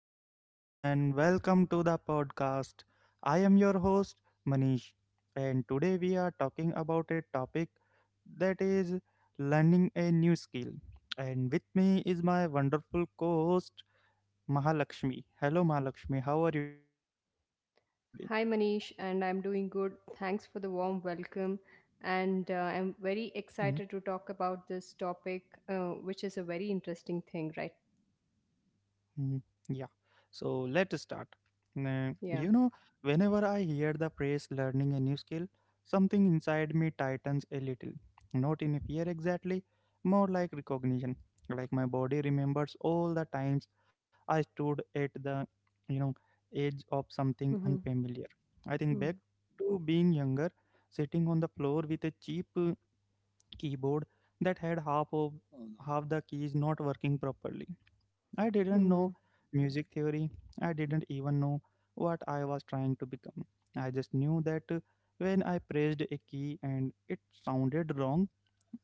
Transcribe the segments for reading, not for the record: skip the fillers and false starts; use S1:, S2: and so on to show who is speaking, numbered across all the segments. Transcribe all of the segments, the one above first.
S1: everyone, and welcome to the podcast. I am your host, Manish, and today we are talking about a topic that is learning a new skill. And with me is my wonderful co host, Mahalakshmi. Hello, Mahalakshmi, how are you today?
S2: Hi Manish, and I'm doing good. Thanks for the warm welcome. And I'm very excited to talk about this topic, which is a very interesting thing, right?
S1: Mhm. Yeah. So let's start. Nah,
S2: Yeah.
S1: whenever I hear the phrase learning a new skill, something inside me tightens a little. Not in fear exactly, more like recognition. Like my body remembers all the times I stood at the, you know, edge of something
S2: Mm-hmm.
S1: unfamiliar. I think back
S2: Mm-hmm.
S1: to being younger, sitting on the floor with a cheap keyboard that had half the keys not working properly. I didn't
S2: Mm-hmm.
S1: know music theory. I didn't even know what I was trying to become. I just knew that when I pressed a key and it sounded wrong,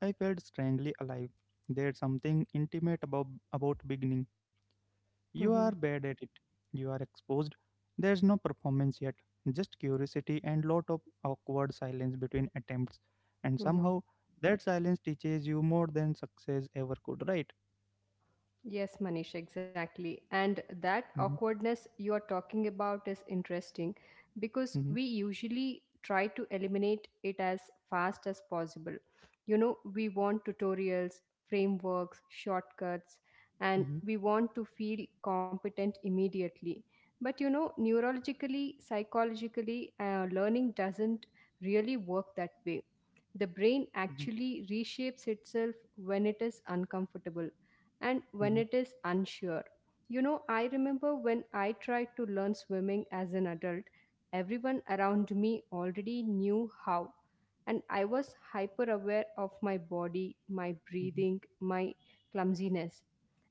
S1: I felt strangely alive. There's something intimate about beginning you are
S2: Mm-hmm.
S1: bad at it. You are exposed. There's no performance yet, just curiosity and lot of awkward silence between attempts. And
S2: Mm-hmm.
S1: somehow that silence teaches you more than success ever could, right?
S2: Yes, Manish, exactly. And
S1: Mm-hmm,
S2: that awkwardness you are talking about is interesting because
S1: mm-hmm,
S2: we usually try to eliminate it as fast as possible. You know, we want tutorials, frameworks, shortcuts, and
S1: mm-hmm,
S2: we want to feel competent immediately. But you know, neurologically, psychologically, learning doesn't really work that way. The brain
S1: mm-hmm,
S2: actually reshapes itself when it is uncomfortable and when
S1: mm-hmm,
S2: it is unsure. You know, I remember when I tried to learn swimming as an adult, everyone around me already knew how, and I was hyper aware of my body, my
S1: mm-hmm,
S2: breathing,
S1: mm-hmm.
S2: my clumsiness.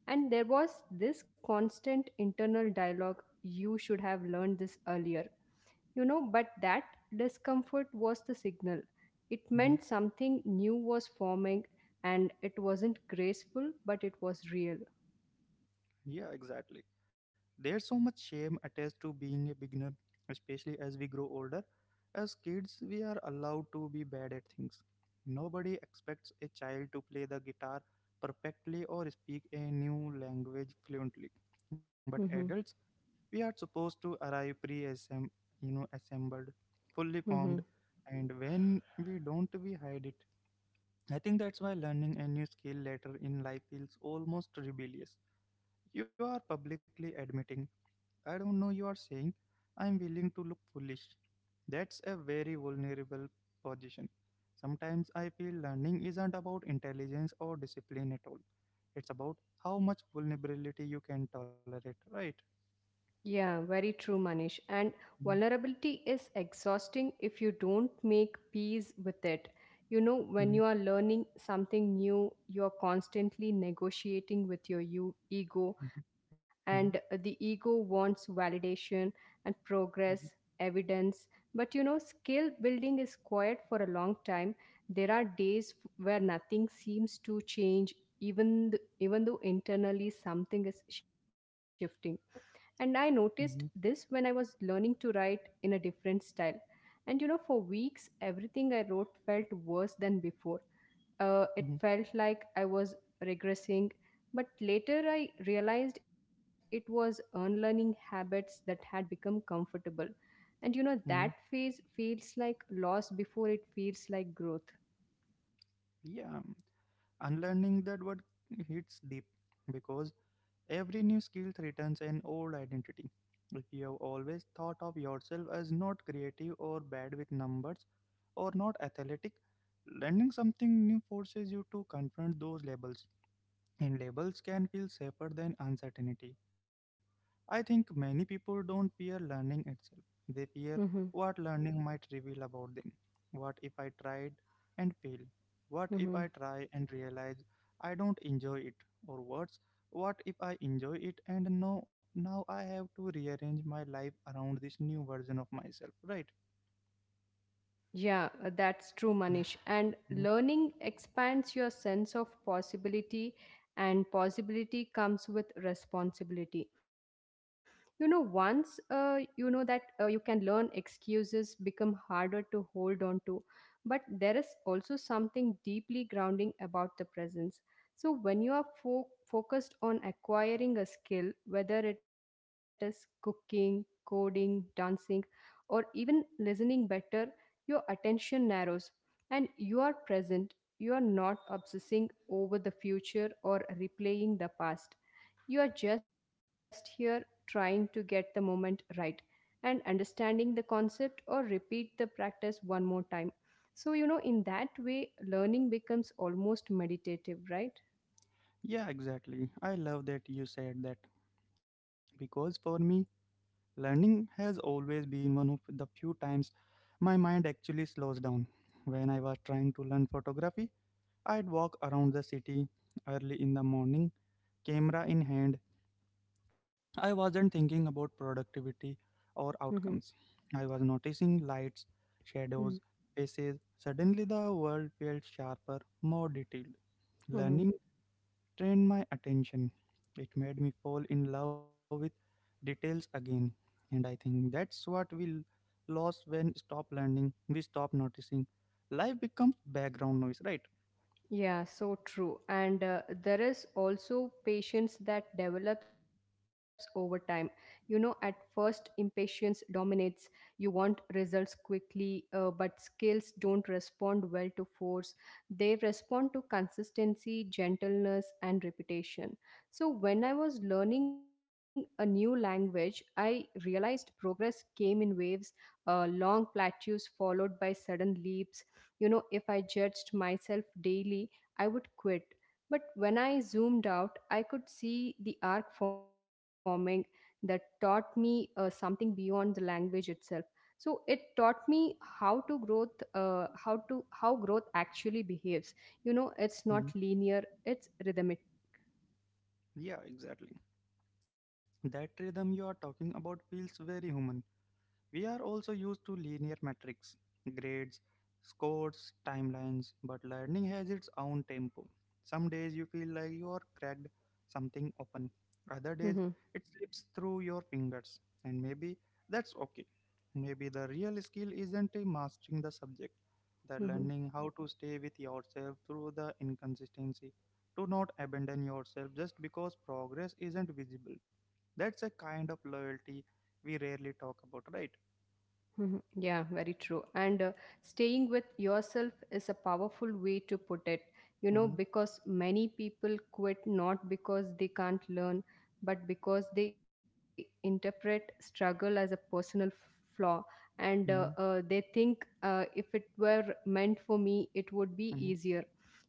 S2: And there was this constant internal dialogue: you should have learned this earlier. You know, but that discomfort was the signal. It meant something new was forming, and it wasn't graceful, but it was real.
S1: Yeah, exactly. There's so much shame attached to being a beginner, especially as we grow older. As kids, we are allowed to be bad at things. Nobody expects a child to play the guitar perfectly or speak a new language fluently. But
S2: Mm-hmm.
S1: adults, we are supposed to arrive pre assembled, fully formed, and when we don't, we hide it. I think that's why learning a new skill later in life feels almost rebellious. You are publicly admitting, I don't know, you are saying, I am willing to look foolish. That's a very vulnerable position. Sometimes I feel learning isn't about intelligence or discipline at all. It's about how much vulnerability you can tolerate, right?
S2: Yeah, very true, Manish. And
S1: Mhm,
S2: vulnerability is exhausting if you don't make peace with it. You know, when
S1: mhm,
S2: you are learning something new, you are constantly negotiating with your ego,
S1: mhm, mhm,
S2: and the ego wants validation and progress, evidence. But you know, skill building is quiet for a long time. There are days where nothing seems to change, even though internally something is shifting, and I noticed
S1: mhm, mhm,
S2: this when I was learning to write in a different style. And you know, for weeks, everything I wrote felt worse than before. It
S1: mhm.
S2: felt like I was regressing. But later, I realized it was unlearning habits that had become comfortable. And you know, that
S1: Mhm.
S2: phase feels like loss before it feels like growth.
S1: Yeah, unlearning that word hits deep because every new skill threatens an old identity. If you have always thought of yourself as not creative or bad with numbers or not athletic, learning something new forces you to confront those labels. And labels can feel safer than uncertainty. I think many people don't fear learning itself. They fear
S2: Mm-hmm.
S1: what learning might reveal about them. What if I tried and failed? What if I try and realize I don't enjoy it? Or worse, what if I enjoy it and no, now I have to rearrange my life around this new version of myself, right?
S2: Yeah, that's true, Manish. And
S1: Mhm.
S2: learning expands your sense of possibility, and possibility comes with responsibility. You know, once you know that you can learn, excuses become harder to hold on to, but there is also something deeply grounding about the presence. So, when you are focused on acquiring a skill, whether it is cooking, coding, dancing, or even listening better, your attention narrows and you are present. You are not obsessing over the future or replaying the past. You are just here, trying to get the moment right and understanding the concept or repeat the practice one more time. So, you know, in that way, learning becomes almost meditative, right?
S1: Yeah, exactly. I love that you said that because for me, learning has always been one of the few times my mind actually slows down. When I was trying to learn photography, I'd walk around the city early in the morning, camera in hand. I wasn't thinking about productivity or
S2: Mm-hmm.
S1: outcomes. I was noticing lights, shadows, faces. Suddenly, the world felt sharper, more detailed.
S2: Mm-hmm.
S1: Learning trained my attention. It made me fall in love with details again. And I think that's what we lost when stop learning, we stop noticing. Life becomes background noise, right?
S2: Yeah, so true. And there is also patience that develops over time. You know, at first, impatience dominates. You want results quickly, but skills don't respond well to force. They respond to consistency, gentleness, and repetition. So, when I was learning a new language, I realized progress came in waves, long plateaus followed by sudden leaps. You know, if I judged myself daily, I would quit. But when I zoomed out, I could see the arc forming. That taught me something beyond the language itself. So it taught me how to growth, how to how growth actually behaves. You know, it's not
S1: Hmm.
S2: linear; it's rhythmic.
S1: Yeah, exactly. That rhythm you are talking about feels very human. We are also used to linear metrics, grades, scores, timelines, but learning has its own tempo. Some days you feel like you are cracked something open, other days
S2: Mhm.
S1: it slips through your fingers, and maybe that's okay. Maybe the real skill isn't in mastering the subject, but
S2: Mhm.
S1: learning how to stay with yourself through the inconsistency. Do not abandon yourself just because progress isn't visible. That's a kind of loyalty we rarely talk about, right?
S2: Mhm. Yeah, very true. And Staying with yourself is a powerful way to put it, you know,
S1: Mm-hmm.
S2: because many people quit not because they can't learn, but because they interpret struggle as a personal flaw. And uh,
S1: Mm-hmm.
S2: uh, they think uh, if it were meant for me, it would be easier.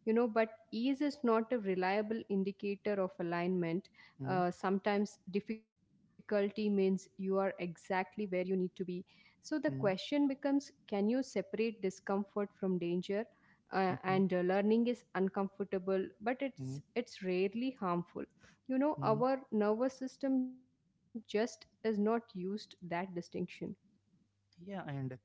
S2: You know, but ease is not a reliable indicator of alignment.
S1: Mm-hmm.
S2: Sometimes difficulty means you are exactly where you need to be. So the question becomes, can you separate discomfort from danger?
S1: Mm-hmm.
S2: And Learning is uncomfortable, but
S1: Mm-hmm.
S2: it's rarely harmful. You know,
S1: Mm-hmm.
S2: our nervous system just is not used that distinction.
S1: Yeah, and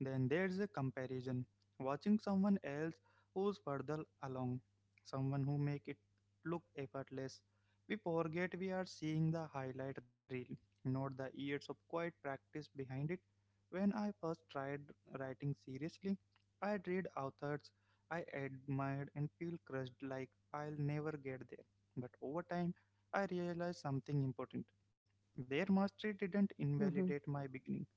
S1: then there's a comparison. Watching someone else who's further along, someone who make it look effortless. We forget we are seeing the highlight reel, not the years of quiet practice behind it. When I first tried writing seriously, I read authors I admired and feel crushed like I'll never get there. But over time, I realized something important. Their
S2: Mm-hmm.
S1: mastery didn't invalidate my beginning.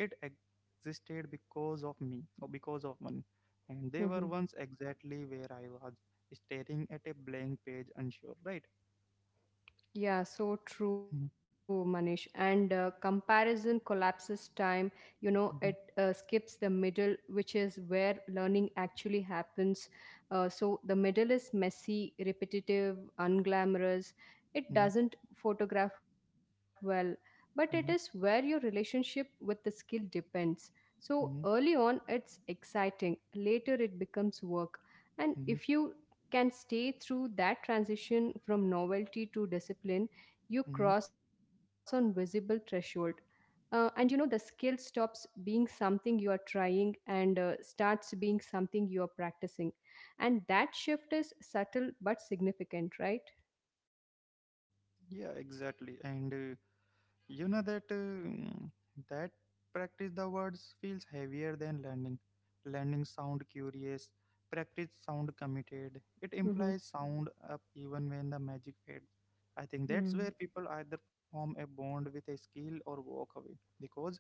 S1: It existed because of me or because of money, and they were once exactly where I was, staring at a blank page unsure, right?
S2: Yeah, so true,
S1: Mhm,
S2: Manish. And comparison collapses time, you know, it
S1: mhm,
S2: skips the middle, which is where learning actually happens. So the middle is messy, repetitive, unglamorous. It
S1: mhm,
S2: doesn't photograph well, but it is where your
S1: mhm,
S2: relationship with the skill depends. So early
S1: mhm,
S2: on, it's exciting; later, it becomes work. And if
S1: mhm,
S2: you can stay through that transition from novelty to discipline, you
S1: mhm.
S2: cross on visible threshold. And you know, the skill stops being something you are trying and starts being something you are practicing, and that shift is subtle but significant, right?
S1: Yeah, exactly, and you know that that practice the words feels heavier than learning. Learning sound curious, practice sound committed. It
S2: Mm-hmm.
S1: implies sound up even when the magic fades. I think that's
S2: Mm-hmm.
S1: where people either form a bond with a skill or walk away because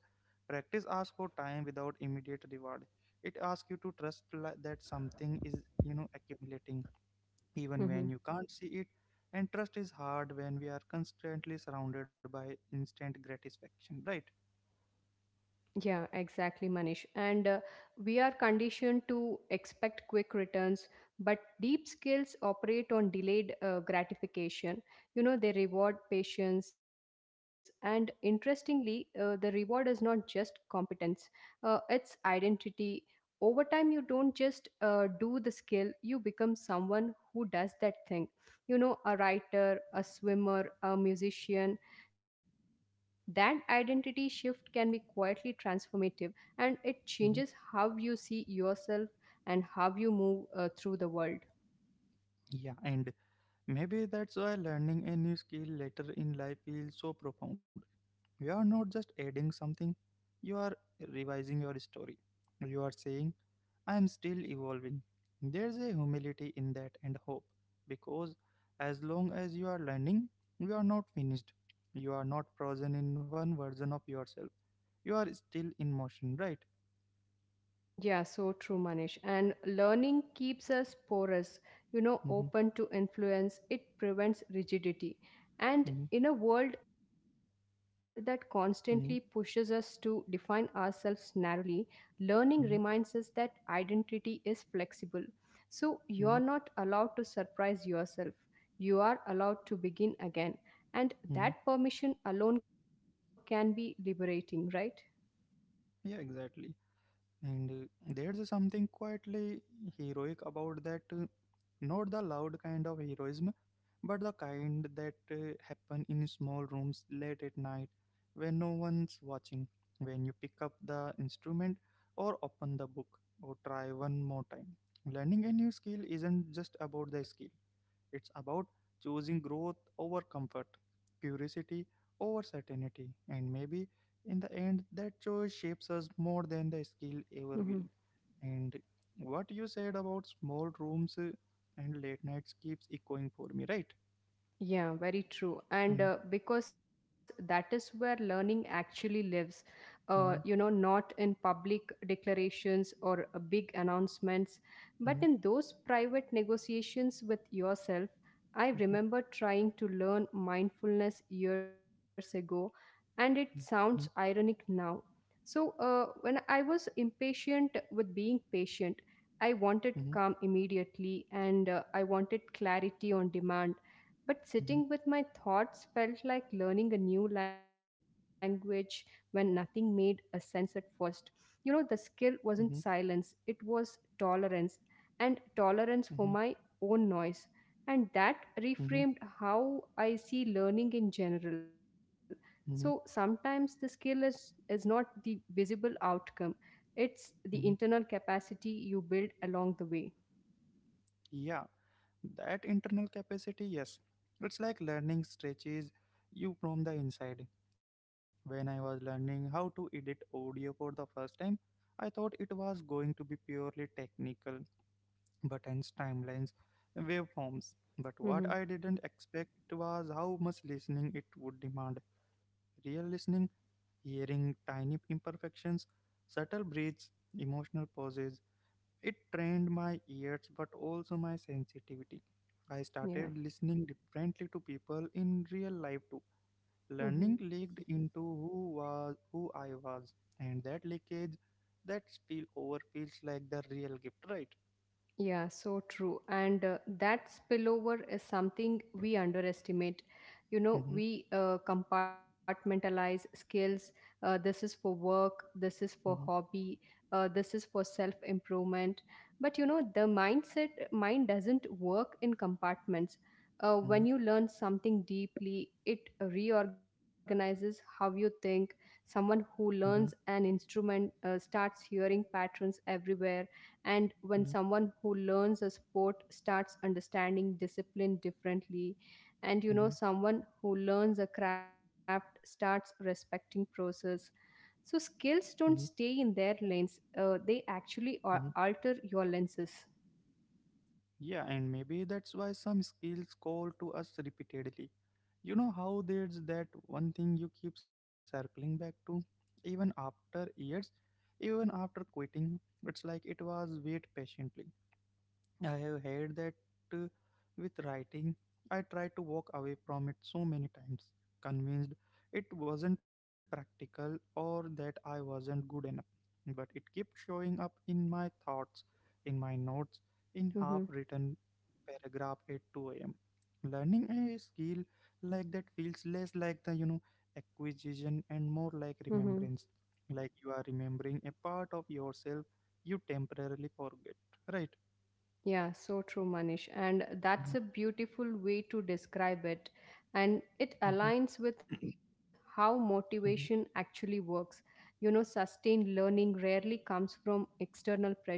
S1: practice asks for time without immediate reward. It asks you to trust that something is, you know, accumulating even when you can't see it. And trust is hard when we are constantly surrounded by instant gratification, right?
S2: Yeah, exactly, Manish. And we are conditioned to expect quick returns, but deep skills operate on delayed gratification. You know, they reward patience. And interestingly, the reward is not just competence, it's identity. Over time, you don't just do the skill, you become someone who does that thing. You know, a writer, a swimmer, a musician. That identity shift can be quietly transformative, and it changes
S1: Hmm.
S2: how you see yourself and how you move through the world.
S1: Yeah, and maybe that's why learning a new skill later in life feels so profound. You are not just adding something, you are revising your story. You are saying, I am still evolving. There's a humility in that and hope, because as long as you are learning, you are not finished. You are not frozen in one version of yourself, you are still in motion, right?
S2: Yeah, so true, Manish. And learning keeps us porous, you know,
S1: Mm-hmm,
S2: open to influence. It prevents rigidity. And
S1: mm-hmm,
S2: in a world that constantly pushes us to
S1: mm-hmm,
S2: define ourselves narrowly, learning reminds us
S1: mm-hmm,
S2: that identity is flexible. So you're not
S1: mm-hmm,
S2: allowed to surprise yourself. You are allowed to begin again. And that
S1: mm-hmm.
S2: permission alone can be liberating, right?
S1: Yeah, exactly, and there's something quietly heroic about that, not the loud kind of heroism, but the kind that happen in small rooms late at night, when no one's watching, when you pick up the instrument or open the book or try one more time. Learning a new skill isn't just about the skill. It's about choosing growth over comfort, curiosity over certainty, and maybe in the end, that choice shapes us more than the skill ever will. And what you said about small rooms and late nights keeps echoing for me, right?
S2: Yeah, very true. And
S1: Mm,
S2: Because that is where learning actually lives, you know,
S1: mhm,
S2: not in public declarations or big announcements, but in
S1: mhm,
S2: those private negotiations with yourself. I
S1: mhm,
S2: remember trying to learn mindfulness years ago, and it sounds
S1: mhm,
S2: ironic now. So, when I was impatient with being patient, I wanted
S1: mhm, mhm,
S2: calm immediately, and I wanted clarity on demand. But
S1: mhm,
S2: sitting with my thoughts felt like learning a new language when nothing made a sense at first. You know, the skill wasn't silence, it was tolerance, and tolerance
S1: mhm,
S2: for my own noise. And that
S1: mhm,
S2: reframed how I see learning in general. So
S1: mhm,
S2: sometimes the skill is, is not the visible outcome, it's the
S1: mhm.
S2: internal capacity you build along the way.
S1: Yeah, that internal capacity, yes. It's like learning stretches you from the inside. When I was learning how to edit audio for the first time, I thought it was going to be purely technical buttons, timelines, waveforms. But what
S2: Hmm.
S1: I didn't expect was how much listening it would demand. Real listening, hearing tiny imperfections, subtle breaths, emotional pauses. It trained my ears but also my sensitivity. I
S2: Yeah.
S1: started listening differently to people in real life too.
S2: Mhm.
S1: Learning leaked into who was who I was, and that leakage, that spill over feels like the real gift, right?
S2: Yeah, so true. And that spillover is something we underestimate. You know,
S1: Mm-hmm,
S2: we compartmentalize skills. This is for work, this is for
S1: mm-hmm,
S2: hobby, this is for self improvement. But you know, the mind doesn't work in compartments. When
S1: mm-hmm,
S2: you learn something deeply, it reorganizes how you think. Someone who learns an instrument starts hearing patterns everywhere, and when
S1: mm-hmm,
S2: someone who learns a sport starts understanding discipline differently, and you know,
S1: mm-hmm,
S2: someone who learns a craft starts respecting process. So, skills
S1: mm-hmm,
S2: don't
S1: mm-hmm,
S2: stay in their lanes, uh, they actually
S1: mm-hmm.
S2: al- alter your lenses.
S1: Yeah, and maybe that's why some skills call to us repeatedly. You know how there's that one thing you keep circling back to, even after years, even after quitting? It's like it was wait patiently. I have had that uh, with writing. I tried to walk away from it so many times, convinced it wasn't practical or that I wasn't good enough. But it kept showing up in my thoughts, in my notes, in
S2: Mm-hmm.
S1: half written paragraph at 2 a.m. Learning a skill like that feels less like the acquisition and more
S2: Mm-hmm.
S1: like remembrance. Like you are remembering a part of yourself you temporarily forget, right?
S2: Yeah, so true, Manish. And that's a
S1: Mm.
S2: beautiful way to describe it. And it
S1: 嗯哼，
S2: aligns with how motivation
S1: 嗯哼，
S2: actually works. You know, sustained learning rarely comes from external pressure,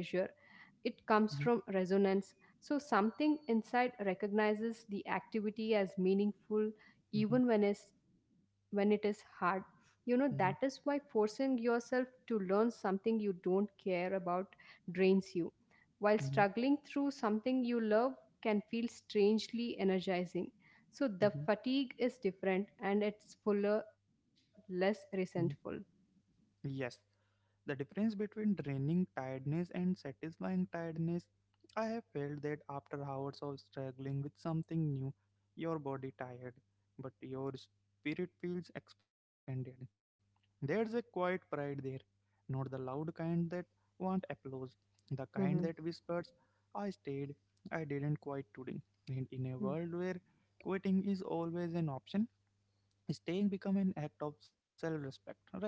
S2: it comes from
S1: 嗯哼，
S2: resonance. So, something inside recognizes the activity as meaningful
S1: 嗯哼，嗯
S2: even
S1: 哼，
S2: when, it's, when it is hard. You know, that is why
S1: 嗯哼，
S2: forcing yourself to learn something you don't care about drains you, while struggling through something you love can feel strangely energizing. So
S1: 嗯
S2: the
S1: 哼，
S2: fatigue is different, and it's fuller, less resentful.
S1: 嗯哼。Yes, the difference between draining tiredness and satisfying tiredness. I have felt that after hours of struggling with something new, your body tired, but your spirit feels expanded. There's a quiet pride there, not the loud kind that want applause, the
S2: Mm-hmm.
S1: kind that whispers, I stayed, I didn't quit today. And in a world where quitting is always an option, staying become an act of self-respect, right?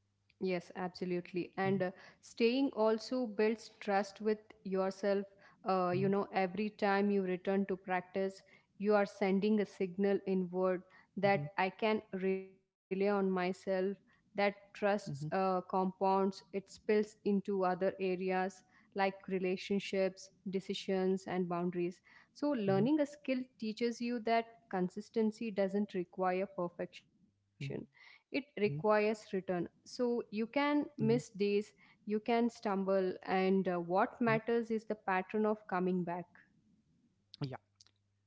S2: Yes, absolutely. And staying also builds trust with yourself. You know, every time you return to practice, you are sending a signal inward that I
S1: Hmm.
S2: can rely on myself, that trust
S1: Mm-hmm.
S2: uh, compounds, it spills into other areas like relationships, decisions, and boundaries. So,
S1: Mm-hmm.
S2: learning a skill teaches you that consistency doesn't require perfection, it
S1: Mm-hmm.
S2: requires return. So you can
S1: Mm-hmm.
S2: miss days, you can stumble, and what matters is the pattern of coming back.
S1: Mm-hmm.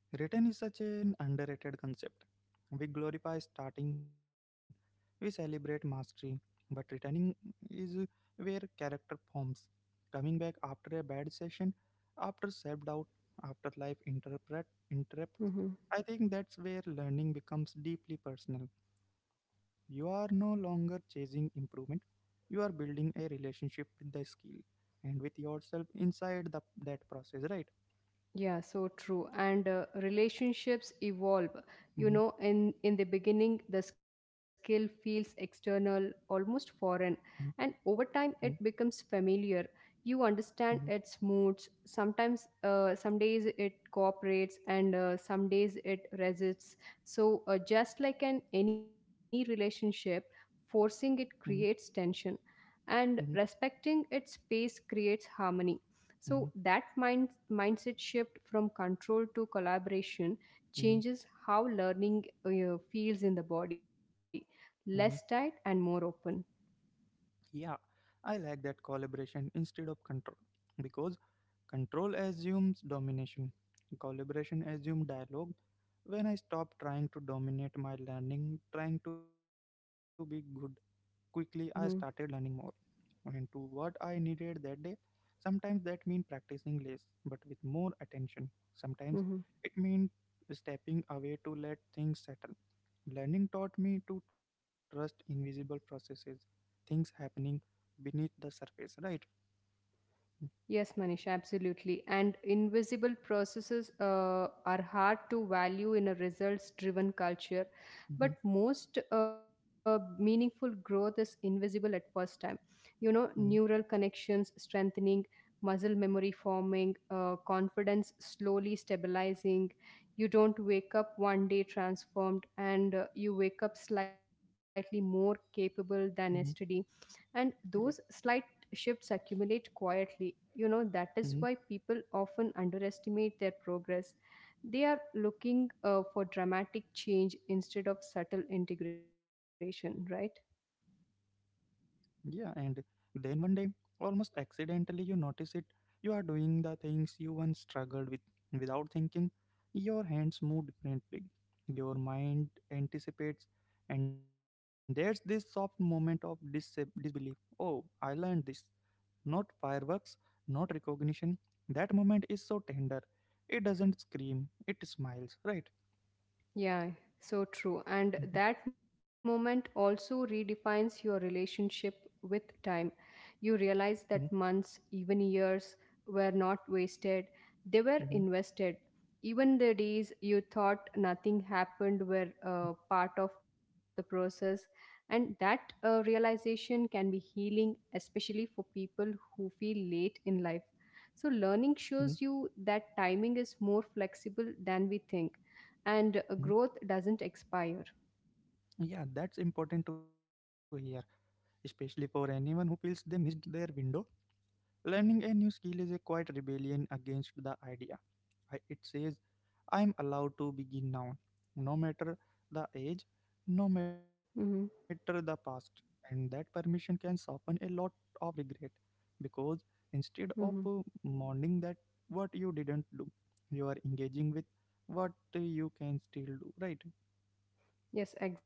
S1: Return is such an underrated concept. We glorify starting, we celebrate mastery, but returning is where character forms. Coming back after a bad session, after self doubt, after life interrupts,
S2: Mm-hmm.
S1: I think that's where learning becomes deeply personal. You are no longer chasing improvement, you are building a relationship with the skill and with yourself inside that process, right?
S2: Yeah, so true. And relationships evolve. You know, in the beginning, the skill feels external, almost foreign, and over
S1: Hmm.
S2: time, it becomes familiar. You
S1: Mhm,
S2: understand its moods. Sometimes, some days it cooperates, and some days it resists. So, just like an any relationship, forcing it
S1: mhm,
S2: creates tension, and
S1: mhm,
S2: respecting its space creates harmony. So
S1: mhm,
S2: that mindset shift from control to collaboration
S1: mhm,
S2: changes how learning feels in the body,
S1: mhm.
S2: less tight and more open.
S1: Yeah, I like that collaboration instead of control because control assumes domination, collaboration assumes dialogue. When I stopped trying to dominate my learning, trying to be good quickly, I started learning
S2: Mm-hmm.
S1: more. And to what I needed that day. Sometimes that means practicing less but with more attention. Sometimes
S2: Mm-hmm.
S1: it means stepping away to let things settle. Learning taught me to trust invisible processes, things happening beneath the surface, right?
S2: Yes, Manish, absolutely. And invisible processes are hard to value in a results driven culture,
S1: Mm-hmm,
S2: but most meaningful growth is invisible at first time. You know,
S1: hmm,
S2: neural connections strengthening, muscle memory forming, confidence slowly stabilizing. You don't wake up one day transformed, and you wake up slightly more capable than yesterday, and those
S1: yeah.
S2: slight shifts accumulate quietly. You know, that is
S1: Hmm.
S2: why people often underestimate their progress. They are looking for dramatic change instead of subtle integration, right?
S1: Yeah, and then one day, almost accidentally, you notice it. You are doing the things you once struggled with without thinking. Your hands move differently. Your mind anticipates. And there's this soft moment of disbelief. Oh, I learned this. Not fireworks, not recognition. That moment is so tender. It doesn't scream, it smiles, right?
S2: Yeah, so true. And
S1: Hmm.
S2: that moment also redefines your relationship with time. You
S1: Hmm.
S2: realize that months, even years, were not wasted, they were
S1: Hmm.
S2: invested. Even the days you thought nothing happened were part of the process. And that realization can be healing, especially for people who feel late in life. So,
S1: Hmm.
S2: learning shows you that timing is more flexible than we think
S1: Hmm.
S2: and growth doesn't expire.
S1: Yeah, that's important to hear, especially for anyone who feels they missed their window. Learning a new skill is a quiet rebellion against the idea. I, it says, I am allowed to begin now, no matter the age, no matter the
S2: Mhm.
S1: past. And that permission can soften a lot of regret because instead of
S2: Mhm.
S1: mourning that what you didn't do, you are engaging with what you can still do, right?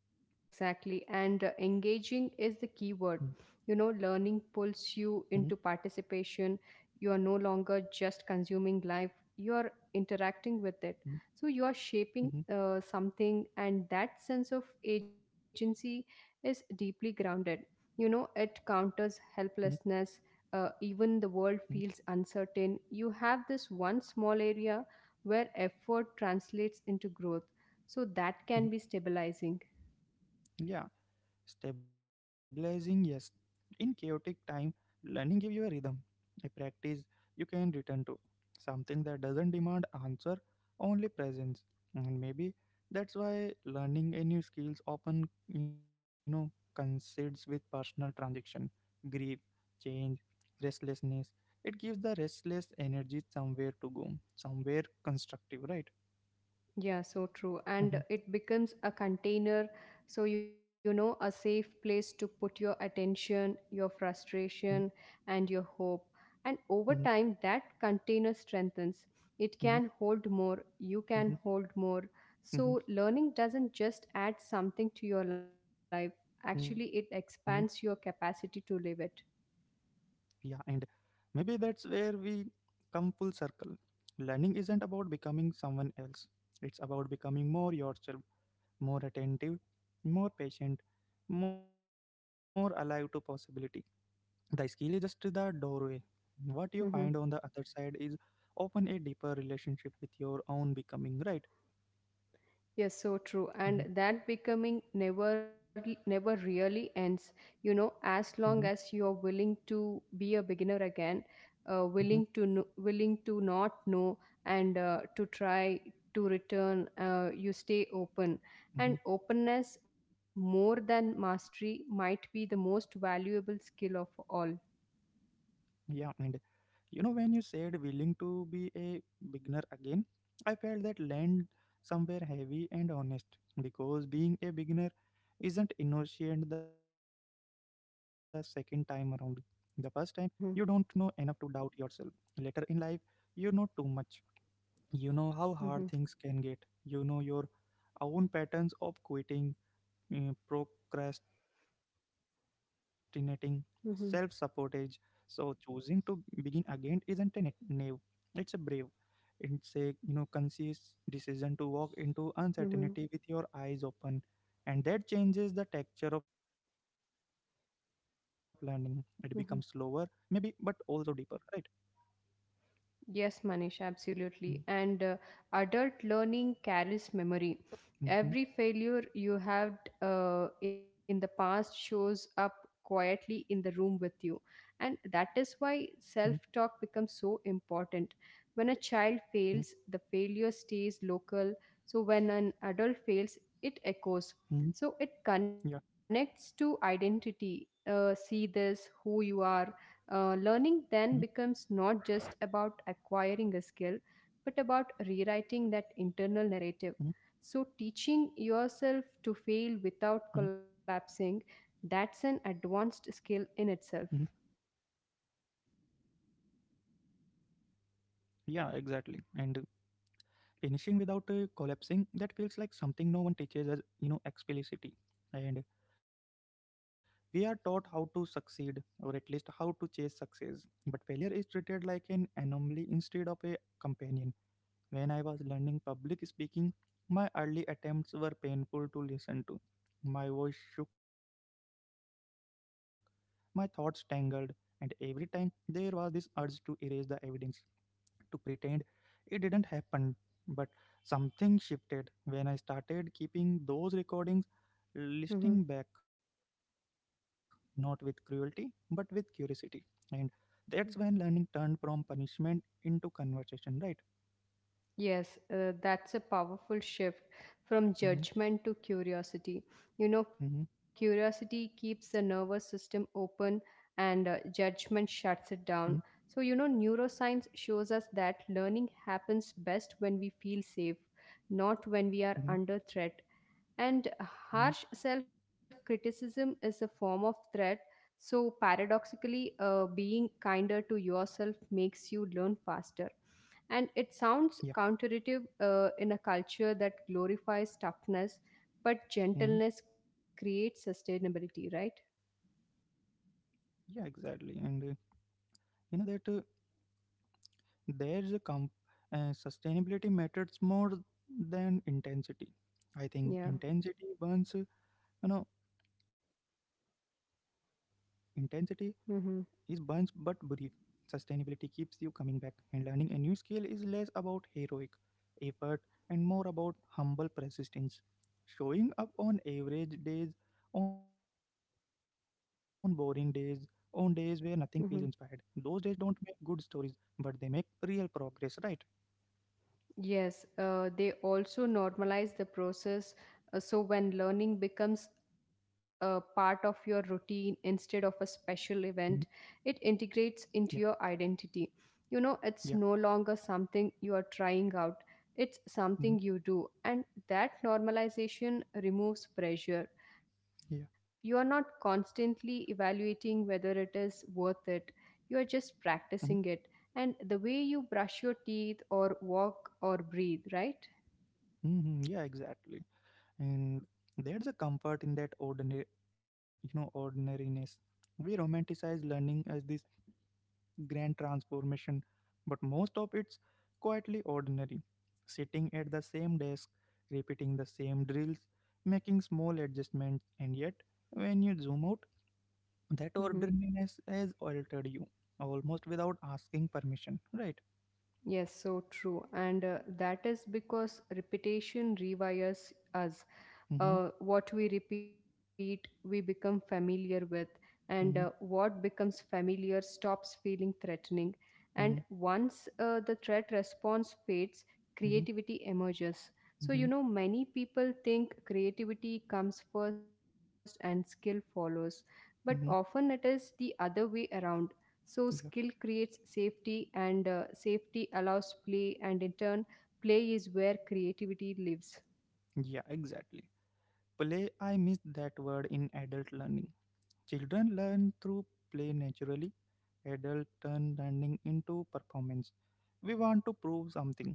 S2: Yes, exactly. And
S1: Mm-hmm,
S2: Engaging is the key word. You know,
S1: mm-hmm,
S2: learning pulls you into participation. You are no longer just consuming life, you are interacting with it. So you are
S1: mm-hmm,
S2: shaping something, and that sense of agency is deeply grounded. You know, it counters helplessness.
S1: mm-hmm,
S2: Even the world feels uncertain. You have this one small area where effort translates into growth, so
S1: mm-hmm.
S2: that can be stabilizing.
S1: Yeah, stabilizing, yes. In chaotic time, learning gives you a rhythm, a practice you can return to, something that doesn't demand answer, only presence. And maybe that's why learning a new skills often, coincides with personal transition, grief, change, restlessness. It gives the restless energy somewhere to go, somewhere constructive, right?
S2: Yeah, so true. And
S1: Mm-hmm,
S2: it becomes a container. So, a safe place to put your attention, your
S1: mm-hmm,
S2: frustration, and your hope. And
S1: mm-hmm,
S2: over time, that container strengthens.
S1: mm-hmm,
S2: It can hold more. You
S1: mm-hmm,
S2: can hold more. So, learning doesn't just add something to your life, actually,
S1: mm-hmm.
S2: it expands your capacity to live it.
S1: Yeah, and maybe that's where we come full circle. Learning isn't about becoming someone else, it's about becoming more yourself, more attentive, more patient, more alive to possibility. The skill is just the doorway. What you find on
S2: Mm-hmm.
S1: the other side is often a deeper relationship with your own becoming, right?
S2: Yes, so true. And
S1: Mm-hmm,
S2: that becoming never really ends. You know,
S1: mm-hmm,
S2: as long as you're willing to be a beginner again,
S1: mm-hmm.
S2: willing to know, willing to not know, and to try to return, you stay open.
S1: Mm-hmm.
S2: And openness, more than mastery, might be the most valuable skill of all.
S1: Yeah, and you know, when you said willing to be a beginner again, I felt that land somewhere heavy and honest because being a beginner isn't innocent the second time around. The first time, you don't know enough to
S2: Mm-hmm,
S1: doubt yourself. Later in life, you know too much. You know how
S2: mm-hmm,
S1: hard things can get. You know your own patterns of quitting procrastinating, self sabotage.
S2: mm-hmm,
S1: So, choosing to begin again isn't a net naive, it's a brave. It's a, you know, conscious decision to walk into
S2: mm-hmm,
S1: uncertainty with your eyes open, and that changes the texture of learning. It becomes slower, maybe, but
S2: mm-hmm.
S1: also deeper, right?
S2: Yes, Manish,
S1: Mm-hmm,
S2: absolutely. And adult learning carries memory.
S1: mm-hmm,
S2: Every failure you had in the past shows up quietly in the room with you. And
S1: mm-hmm,
S2: that is why self talk becomes so important.
S1: mm-hmm,
S2: When a child fails, the failure stays local. So when an adult fails, it
S1: mm-hmm.
S2: echoes. So
S1: Yeah.
S2: it connects to identity. See
S1: Mm-hmm,
S2: this, who you are, learning then becomes not just about acquiring a skill, but
S1: mm-hmm,
S2: about rewriting that internal narrative. So,
S1: mm-hmm,
S2: teaching yourself to fail without collapsing, that's an
S1: mm-hmm.
S2: advanced skill in itself.
S1: Yeah, exactly. And finishing without collapsing that feels like something no one teaches us, you know, explicitly, and we are taught how to succeed, or at least how to chase success, but failure is treated like an anomaly instead of a companion. When I was learning public speaking, my early attempts were painful to listen to. My voice shook, my thoughts tangled, and every time there was this urge to erase the evidence, to pretend it didn't happen. But something shifted when I started keeping those recordings, listening
S2: Mhm.
S1: back, not with cruelty, but with curiosity. And that's when learning turned from punishment into conversation, right?
S2: Yes, that's a powerful shift from
S1: Mm-hmm.
S2: judgment to curiosity. You know,
S1: Mm-hmm.
S2: curiosity keeps the nervous system open and
S1: Mm-hmm,
S2: judgment shuts it down. So, you know, neuroscience shows us that learning happens best when we feel safe, not
S1: mm-hmm,
S2: when we are under threat. And
S1: mm-hmm.
S2: harsh self criticism is a form of threat. So, paradoxically, being kinder to yourself makes you learn faster. And it
S1: Yeah,
S2: sounds counterintuitive in a culture that glorifies toughness, but
S1: mm-hmm.
S2: gentleness creates sustainability, right?
S1: Yeah, exactly. And you know that there's a comp- sustainability matters more than intensity. I think
S2: Yeah.
S1: intensity burns, you know, intensity is bunch
S2: Mm-hmm.
S1: but brief. Sustainability keeps you coming back, and learning a new skill is less about heroic effort and more about humble persistence. Showing up on average days, on boring days, on days where nothing feels inspired. Those
S2: Mm-hmm.
S1: days don't make good stories, but they make real progress, right?
S2: Yes, they also normalize the process. So when learning becomes a part of your routine instead of a
S1: Hmm.
S2: special event, it
S1: Yeah,
S2: integrates into your identity. You know,
S1: yeah,
S2: it's no longer something you are trying out, it's
S1: hmm,
S2: something you do. And that normalization removes pressure. You are
S1: yeah.
S2: not constantly evaluating whether it is worth it, you are just
S1: Mm-hmm.
S2: practicing it, and the way you brush your teeth or walk or breathe, right?
S1: Mm-hmm. Yeah, exactly. And there's a comfort in that ordinary, you know, ordinariness. We romanticize learning as this grand transformation, but most of it's quietly ordinary, sitting at the same desk, repeating the same drills, making small adjustments, and yet when you zoom out
S2: Mm-hmm.
S1: that ordinariness has altered you almost without asking permission, right?
S2: Yes, so true. And that is because repetition rewires us.
S1: Mm-hmm,
S2: What we repeat we become familiar with, and
S1: mm-hmm,
S2: what becomes familiar stops feeling threatening. And
S1: mm-hmm,
S2: once the threat response fades,
S1: mm-hmm,
S2: creativity emerges. So, you
S1: mm-hmm,
S2: know, many people think creativity comes first and skill follows, but often it
S1: mm-hmm.
S2: is the other way around. So skill
S1: Yeah,
S2: creates safety, and safety allows play, and in turn play is where creativity lives.
S1: yeah, exactly. Play, I miss that word in adult learning. Children learn through play naturally, adult turn learning into performance. We want to prove something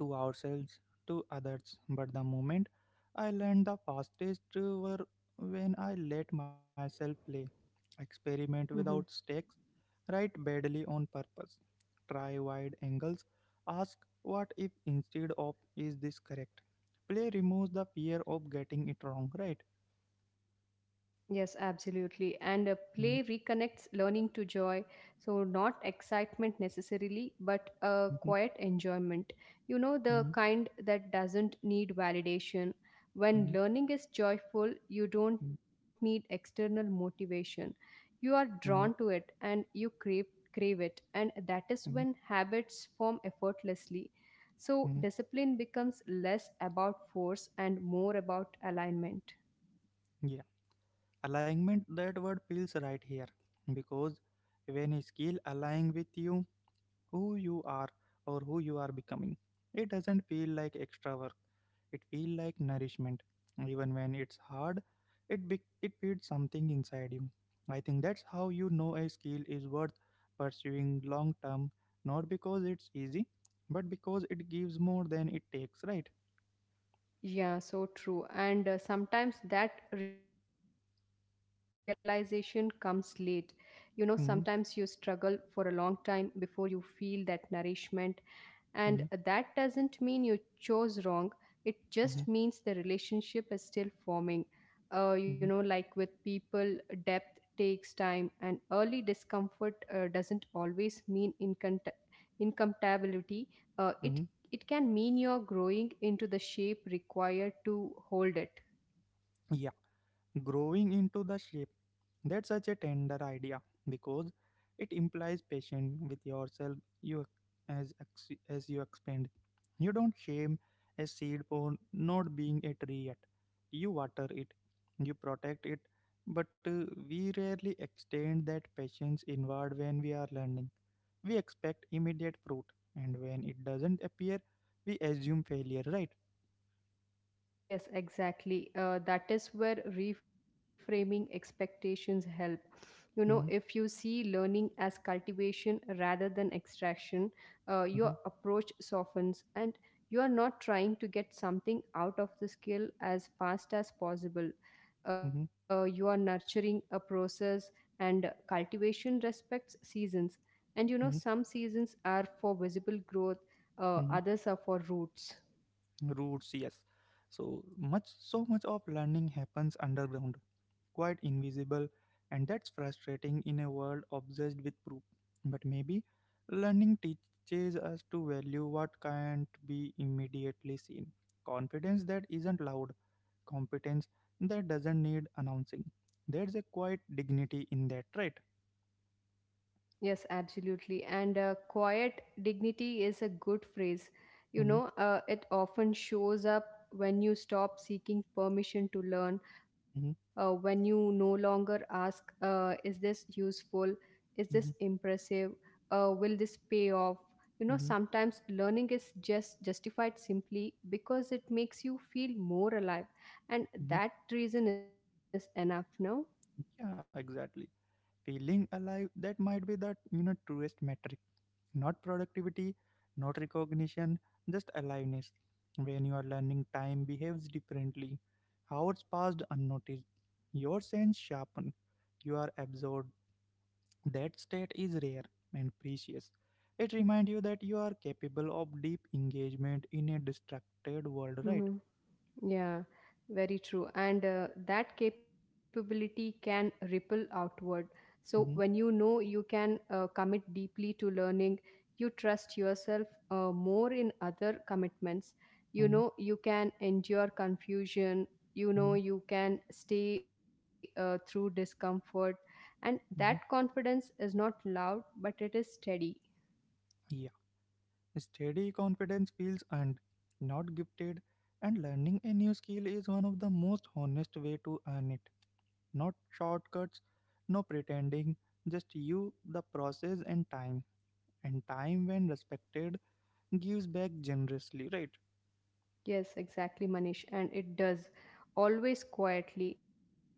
S1: to ourselves, to others, but the moment I learned the fastest were when I let myself play, experiment
S2: Mhm.
S1: without stakes, write badly on purpose, try wide angles, ask what if instead of is this correct. Play removes the fear of getting it wrong, right?
S2: Yes, absolutely. And play
S1: Mhm,
S2: reconnects learning to joy. So, not excitement necessarily, but a
S1: mhm,
S2: quiet enjoyment. You know, the
S1: mhm,
S2: kind that doesn't need validation. When
S1: mhm,
S2: learning is joyful, you don't
S1: mhm,
S2: need external motivation. You are drawn
S1: mhm,
S2: to it and you crave it. And that is
S1: mhm,
S2: when habits form effortlessly. So,
S1: mhm.
S2: discipline becomes less about force and more about alignment.
S1: Yeah, alignment, that word feels right here because when a skill align with you, who you are or who you are becoming, it doesn't feel like extra work. It feel like nourishment. Even when it's hard, it feeds something inside you. I think that's how you know a skill is worth pursuing long term, not because it's easy, but because it gives more than it takes. Right?
S2: Yeah, so true. And sometimes that realization comes late. You know, sometimes you struggle for a
S1: Mm-hmm.
S2: long time before you feel that nourishment, and that doesn't mean you chose wrong, it just means the relationship is still forming. You know, like
S1: Hmm.
S2: with people, depth takes time, and early discomfort doesn't always mean incompatibility. Uh, it
S1: Hmm.
S2: it can mean you're growing into the shape required to hold it.
S1: Yeah, growing into the shape. That's such a tender idea because it implies patience with yourself. You, as ex- as you expand, you don't shame a seed for not being a tree yet. You water it, you protect it, but we rarely extend that patience inward when we are learning. We expect immediate fruit, and when it doesn't appear, we assume failure. Right?
S2: Yes, exactly. That is where reframing expectations help. You know, if you
S1: Mm-hmm,
S2: see learning as cultivation rather than extraction, your
S1: mm-hmm,
S2: approach softens, and you are not trying to get something out of the skill as fast as possible.
S1: mm-hmm,
S2: You are nurturing a process, and cultivation respects seasons. And
S1: mm-hmm.
S2: you know, some seasons are for visible growth,
S1: Mm-hmm.
S2: others are for roots.
S1: Roots, yes. So much, so much of learning happens underground, quite invisible, and that's frustrating in a world obsessed with proof, but maybe learning teaches us to value what can't be immediately seen: confidence that isn't loud, competence that doesn't need announcing. There's a quiet dignity in that, right?
S2: Yes, absolutely. And quiet dignity is a good phrase. You
S1: Hmm.
S2: know, it often shows up when you stop seeking permission to learn,
S1: Hmm.
S2: when you no longer ask, is this useful? Is
S1: Hmm.
S2: this impressive? Will this pay off? You know,
S1: Hmm.
S2: sometimes learning is just justified simply because it makes you feel more alive. And
S1: Hmm.
S2: that reason is enough, no?
S1: Yeah, exactly. Feeling alive, that might be the, you know, truest metric. Not productivity, not recognition, just aliveness. When you are learning, time behaves differently. Hours passed unnoticed. Your sense sharpen. You are absorbed. That state is rare and precious. It reminds you that you are capable of deep engagement in a distracted world, right?
S2: Yeah, very true. And that capability can ripple outward. So, when you
S1: Mhm,
S2: know you can commit deeply to learning, you trust yourself more in other commitments. You
S1: mhm,
S2: know, you can endure confusion. You know,
S1: mhm,
S2: you can stay through discomfort. And that
S1: mhm.
S2: confidence is not loud, but it is steady.
S1: Yeah. Steady confidence feels earned, not gifted, and learning a new skill is one of the most honest way to earn it. Not shortcuts, no pretending, just you, the process, and time. And time, when respected, gives back generously, right?
S2: Yes, exactly, Manish. And it does. Always quietly,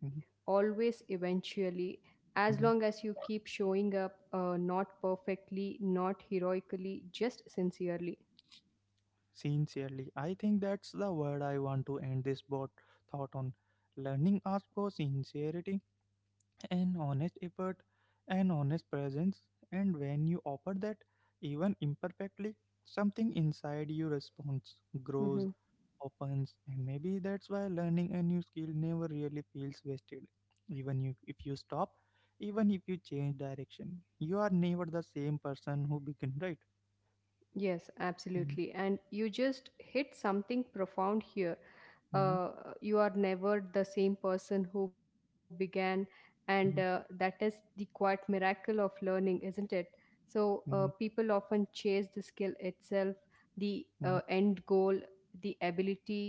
S1: Mhm,
S2: eventually, as long as you
S1: mhm.
S2: keep showing up, not perfectly, not heroically, just sincerely.
S1: Sincerely. I think that's the word I want to end this bot thought on. Learning asks for sincerity, an honest effort, an honest presence, and when you offer that, even imperfectly, something inside you responds, grows,
S2: Mhm.
S1: opens, and maybe that's why learning a new skill never really feels wasted. Even you, if you stop, even if you change direction, you are never the same person who began, right?
S2: Yes,
S1: Mhm,
S2: absolutely. And you just hit something profound here.
S1: mhm,
S2: Uh, you are never the same person who began, and
S1: mhm,
S2: that is the quiet miracle of learning, isn't it? So
S1: mhm,
S2: people often chase the skill itself, the
S1: mhm,
S2: end goal, the ability,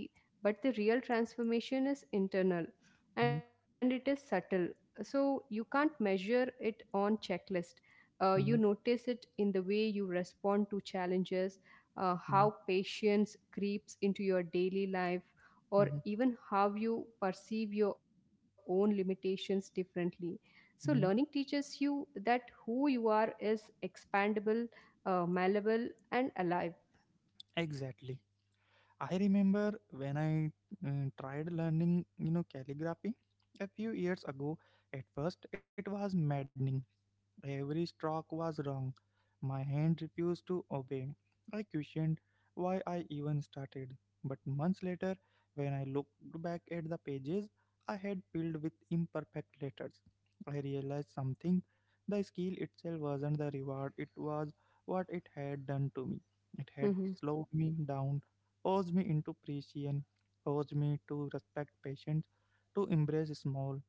S2: but the real transformation is internal, and
S1: mhm,
S2: it is subtle. So you can't measure it on checklist. You
S1: mhm,
S2: notice it in the way you respond to challenges, how
S1: mhm,
S2: patience creeps into your daily life, or
S1: mhm,
S2: even how you perceive your own limitations differently. So, learning
S1: mhm.
S2: teaches you that who you are is expandable, malleable, and alive.
S1: Exactly. I remember when I tried learning, you know, calligraphy a few years ago. At first, it was maddening. Every stroke was wrong. My hand refused to obey. I questioned why I even started. But months later, when I looked back at the pages I had filled with imperfect letters, I realized something. The skill itself wasn't the reward, it was what it had done to me. It had
S2: Hmm.
S1: slowed me down, forced me into precision, forced me to respect patience, to embrace small,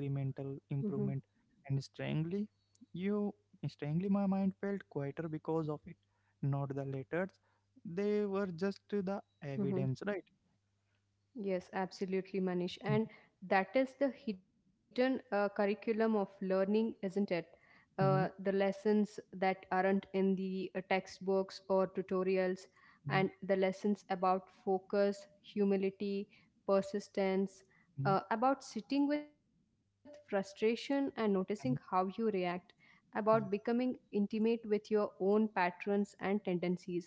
S2: Hmm.
S1: improvement, and strangely, you strangely my mind felt quieter because of it. Not the letters. They were just the
S2: Hmm.
S1: evidence, right?
S2: Yes, absolutely, Manish. And that is the hidden curriculum of learning, isn't it? The
S1: Mm-hmm,
S2: lessons that aren't in the textbooks or tutorials, and
S1: hmm,
S2: the lessons about focus, humility, persistence,
S1: hmm,
S2: about sitting with frustration and noticing how you
S1: hmm.
S2: react, about becoming
S1: Yeah.
S2: intimate with your own patterns and tendencies.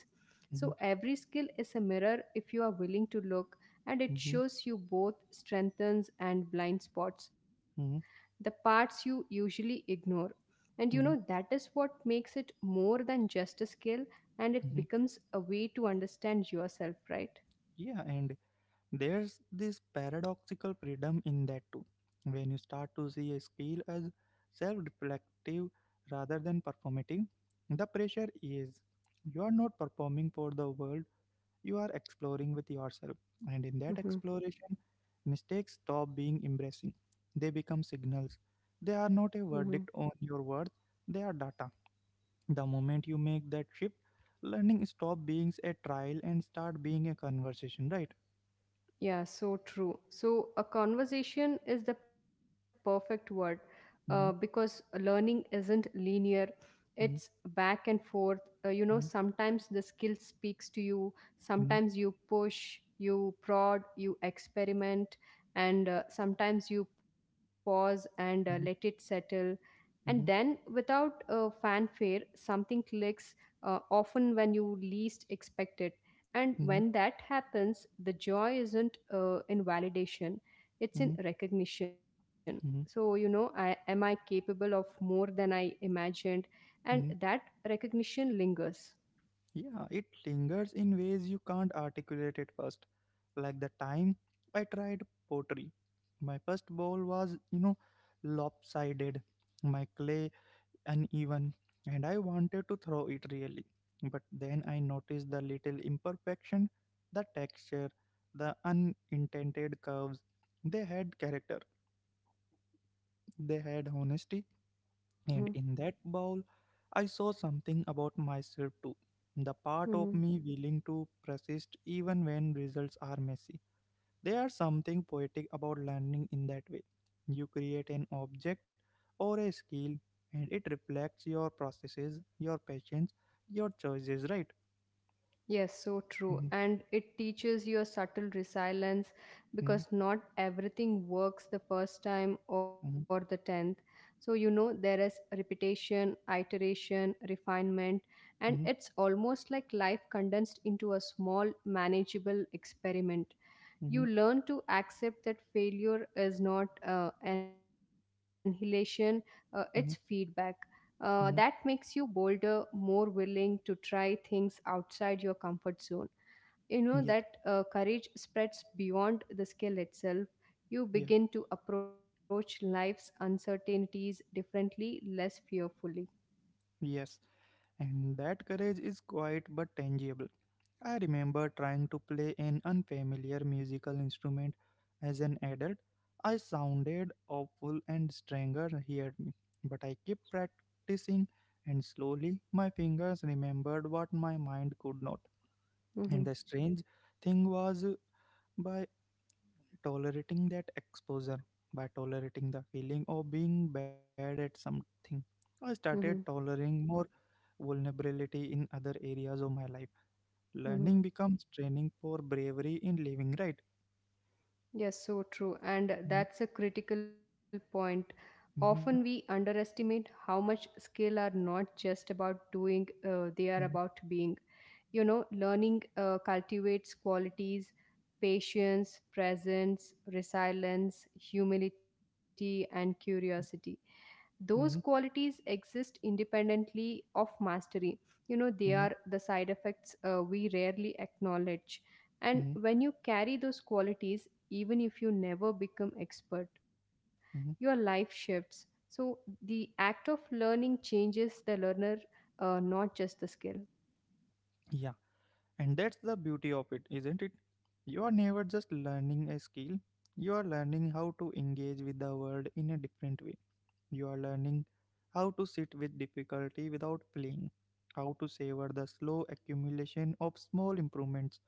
S2: So,
S1: Hmm,
S2: every skill is a mirror if you are willing to look, and it
S1: hmm,
S2: shows you both strengths and blind spots, the
S1: hmm,
S2: parts you usually ignore. And you know, that is
S1: hmm,
S2: what makes it more than just a skill, and it becomes
S1: hmm.
S2: a way to understand yourself, right?
S1: Yeah, and there's this paradoxical freedom in that too. When you start to see a skill as self-reflective rather than performative, the pressure is you are not performing for the world, you are exploring with yourself. And in that
S2: Mm-hmm.
S1: exploration, mistakes stop being embarrassing. They become signals. They are not a verdict on your worth, they are data. The moment you make that shift, learning stop being a trial and start being a conversation, right?
S2: Yeah, so true. So, a conversation is the perfect word because
S1: Mm-hmm,
S2: learning isn't linear, it's back and forth. You know,
S1: mm-hmm,
S2: sometimes the skill speaks to you, sometimes
S1: mm-hmm,
S2: you push, you prod, you experiment, and sometimes you pause and let it
S1: mm-hmm,
S2: settle. And then,
S1: mm-hmm,
S2: without fanfare, something clicks, often when you least expect it. And when
S1: mm-hmm,
S2: that happens, the joy isn't in validation, it's in
S1: mm-hmm,
S2: recognition. So, you
S1: mm-hmm,
S2: know, I, am I capable of more than I imagined? And that
S1: mm-hmm.
S2: recognition lingers.
S1: Yeah, it lingers in ways you can't articulate at first. Like the time I tried pottery. My first bowl was, you know, lopsided, my clay uneven, and I wanted to throw it really. But then I noticed the little imperfection, the texture, the unintended curves. They had character, they had honesty, and
S2: Mm-hmm.
S1: in that bowl, I saw something about myself too. The part of me willing to persist even when results are messy. There is something poetic about learning in that way. You create an object or a skill and it reflects your processes, your passions, your choices, right?
S2: Yes, so true.
S1: Mhm,
S2: And it teaches you a subtle resilience
S1: mhm,
S2: because not everything works the first time or the
S1: mhm,
S2: tenth. So, you know, there is repetition, iteration, refinement, and it's
S1: mhm,
S2: almost like life condensed into a small, manageable experiment.
S1: mhm,
S2: You learn to accept that failure is not annihilation, it's feedback.
S1: mhm,
S2: That makes you
S1: mhm.
S2: bolder, more willing to try things outside your comfort zone. You know that
S1: Yeah,
S2: courage spreads beyond the skill itself. You
S1: yeah,
S2: begin to approach life's uncertainties differently, less fearfully.
S1: yes. And that courage is quiet but tangible. I remember trying to play an unfamiliar musical instrument as an adult. I sounded awful and strangers heard me, but I kept practicing and slowly my fingers remembered what my mind could not. And
S2: Hmm.
S1: the strange thing was, by tolerating that exposure, by tolerating the feeling of being bad at something, I started
S2: Hmm.
S1: tolerating more vulnerability in other areas of my life. Learning
S2: Hmm.
S1: becomes training for bravery in living, right?
S2: Yes, so true. And
S1: Mhm,
S2: that's a critical point. Often we
S1: mhm,
S2: underestimate how much skill are not just about doing, they are
S1: mhm,
S2: about being. You know, learning cultivates qualities, patience, presence, resilience, humility, and curiosity. Those
S1: mhm,
S2: qualities exist independently of mastery. You know, they are
S1: mhm,
S2: the side effects we rarely acknowledge, and
S1: mhm,
S2: when you carry those qualities, even if you never become expert, your
S1: mhm.
S2: life shifts. So the act of learning changes the learner, not just the skill.
S1: Yeah, and that's the beauty of it, isn't it? You are never just learning a skill, you are learning how to engage with the world in a different way. You are learning how to sit with difficulty without fleeing, how to savor the slow accumulation of small improvements,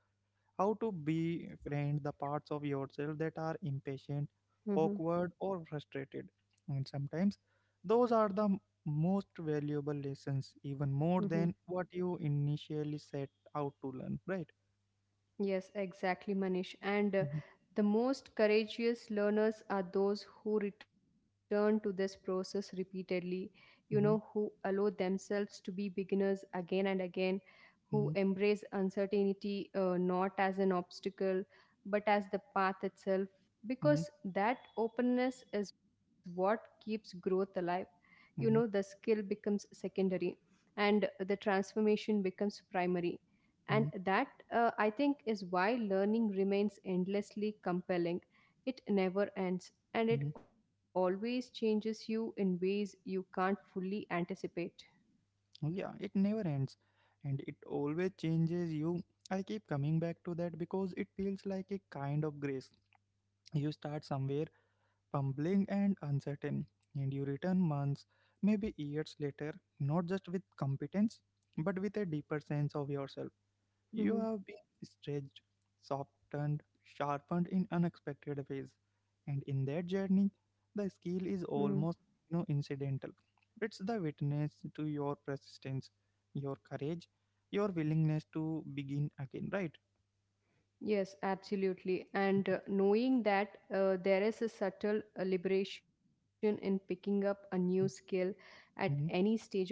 S1: how to befriend the parts of yourself that are impatient,
S2: Mm-hmm.
S1: awkward, or frustrated. And sometimes those are the most valuable lessons, even more
S2: Mm-hmm.
S1: than what you initially set out to learn, right?
S2: Yes, exactly, Manish. And
S1: Mm-hmm,
S2: the most courageous learners are those who return to this process repeatedly, you know, who
S1: hmm,
S2: allow themselves to be beginners again and again, who
S1: hmm,
S2: embrace uncertainty not as an obstacle but as the path itself, because that openness is what keeps growth alive. You know, the
S1: hmm,
S2: skill becomes secondary and the transformation becomes primary, and
S1: hmm,
S2: that, I think, is why learning remains endlessly compelling. It never ends, and it
S1: hmm.
S2: always changes you in ways you can't fully anticipate.
S1: Yeah, it never ends and it always changes you. I keep coming back to that because it feels like a kind of grace. You start somewhere fumbling and uncertain, and you return months, maybe years later, not just with competence, but with a deeper sense of yourself. You
S2: Hmm.
S1: have been stretched, softened, sharpened in unexpected ways, and in that journey, the skill is almost incidental. It's the witness to your persistence, your courage, your willingness to begin again, right?
S2: Yes, absolutely. And knowing that there is a subtle liberation in picking up a new skill at any
S1: Mhm,
S2: stage of life.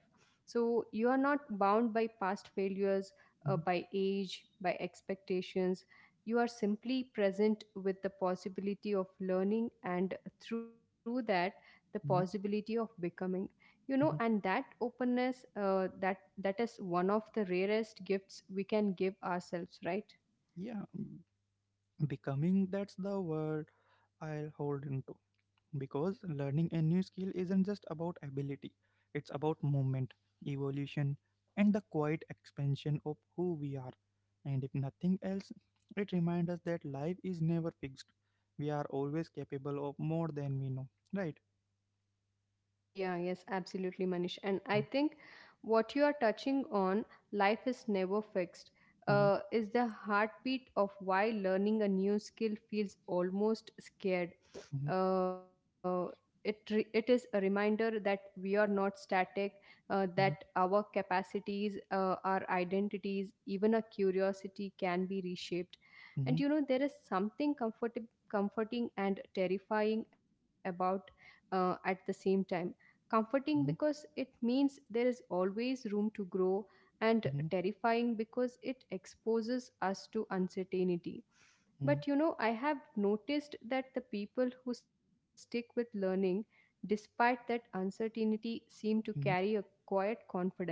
S2: So you are not bound by past failures,
S1: mhm,
S2: by age, by expectations. You are simply present with the possibility of learning, and through that, the
S1: mhm,
S2: possibility of becoming. You know, and
S1: mhm.
S2: that openness, that is one of the rarest gifts we can give ourselves, right?
S1: Yeah, becoming, that's the word I'll hold into, because learning a new skill isn't just about ability, it's about movement, evolution, and the quiet expansion of who we are. And if nothing else, it reminds us that life is never fixed. We are always capable of more than we know, right?
S2: Yeah, yes, absolutely, Manish. And I think what you are touching on, life is never fixed,
S1: Mhm,
S2: is the heartbeat of why learning a new skill feels almost scared.
S1: mhm,
S2: Uh, it is a reminder that we are not static, that
S1: mhm,
S2: our capacities, our identities, even our curiosity can be reshaped. And you
S1: mhm,
S2: know, there is something comforting and terrifying about at the same time, comforting
S1: mhm,
S2: because it means there is always room to grow, and
S1: mhm,
S2: terrifying because it exposes us to uncertainty.
S1: mhm,
S2: But you know, I have noticed that the people who stick with learning despite that uncertainty seem to carry a
S1: mhm,
S2: quiet confidence,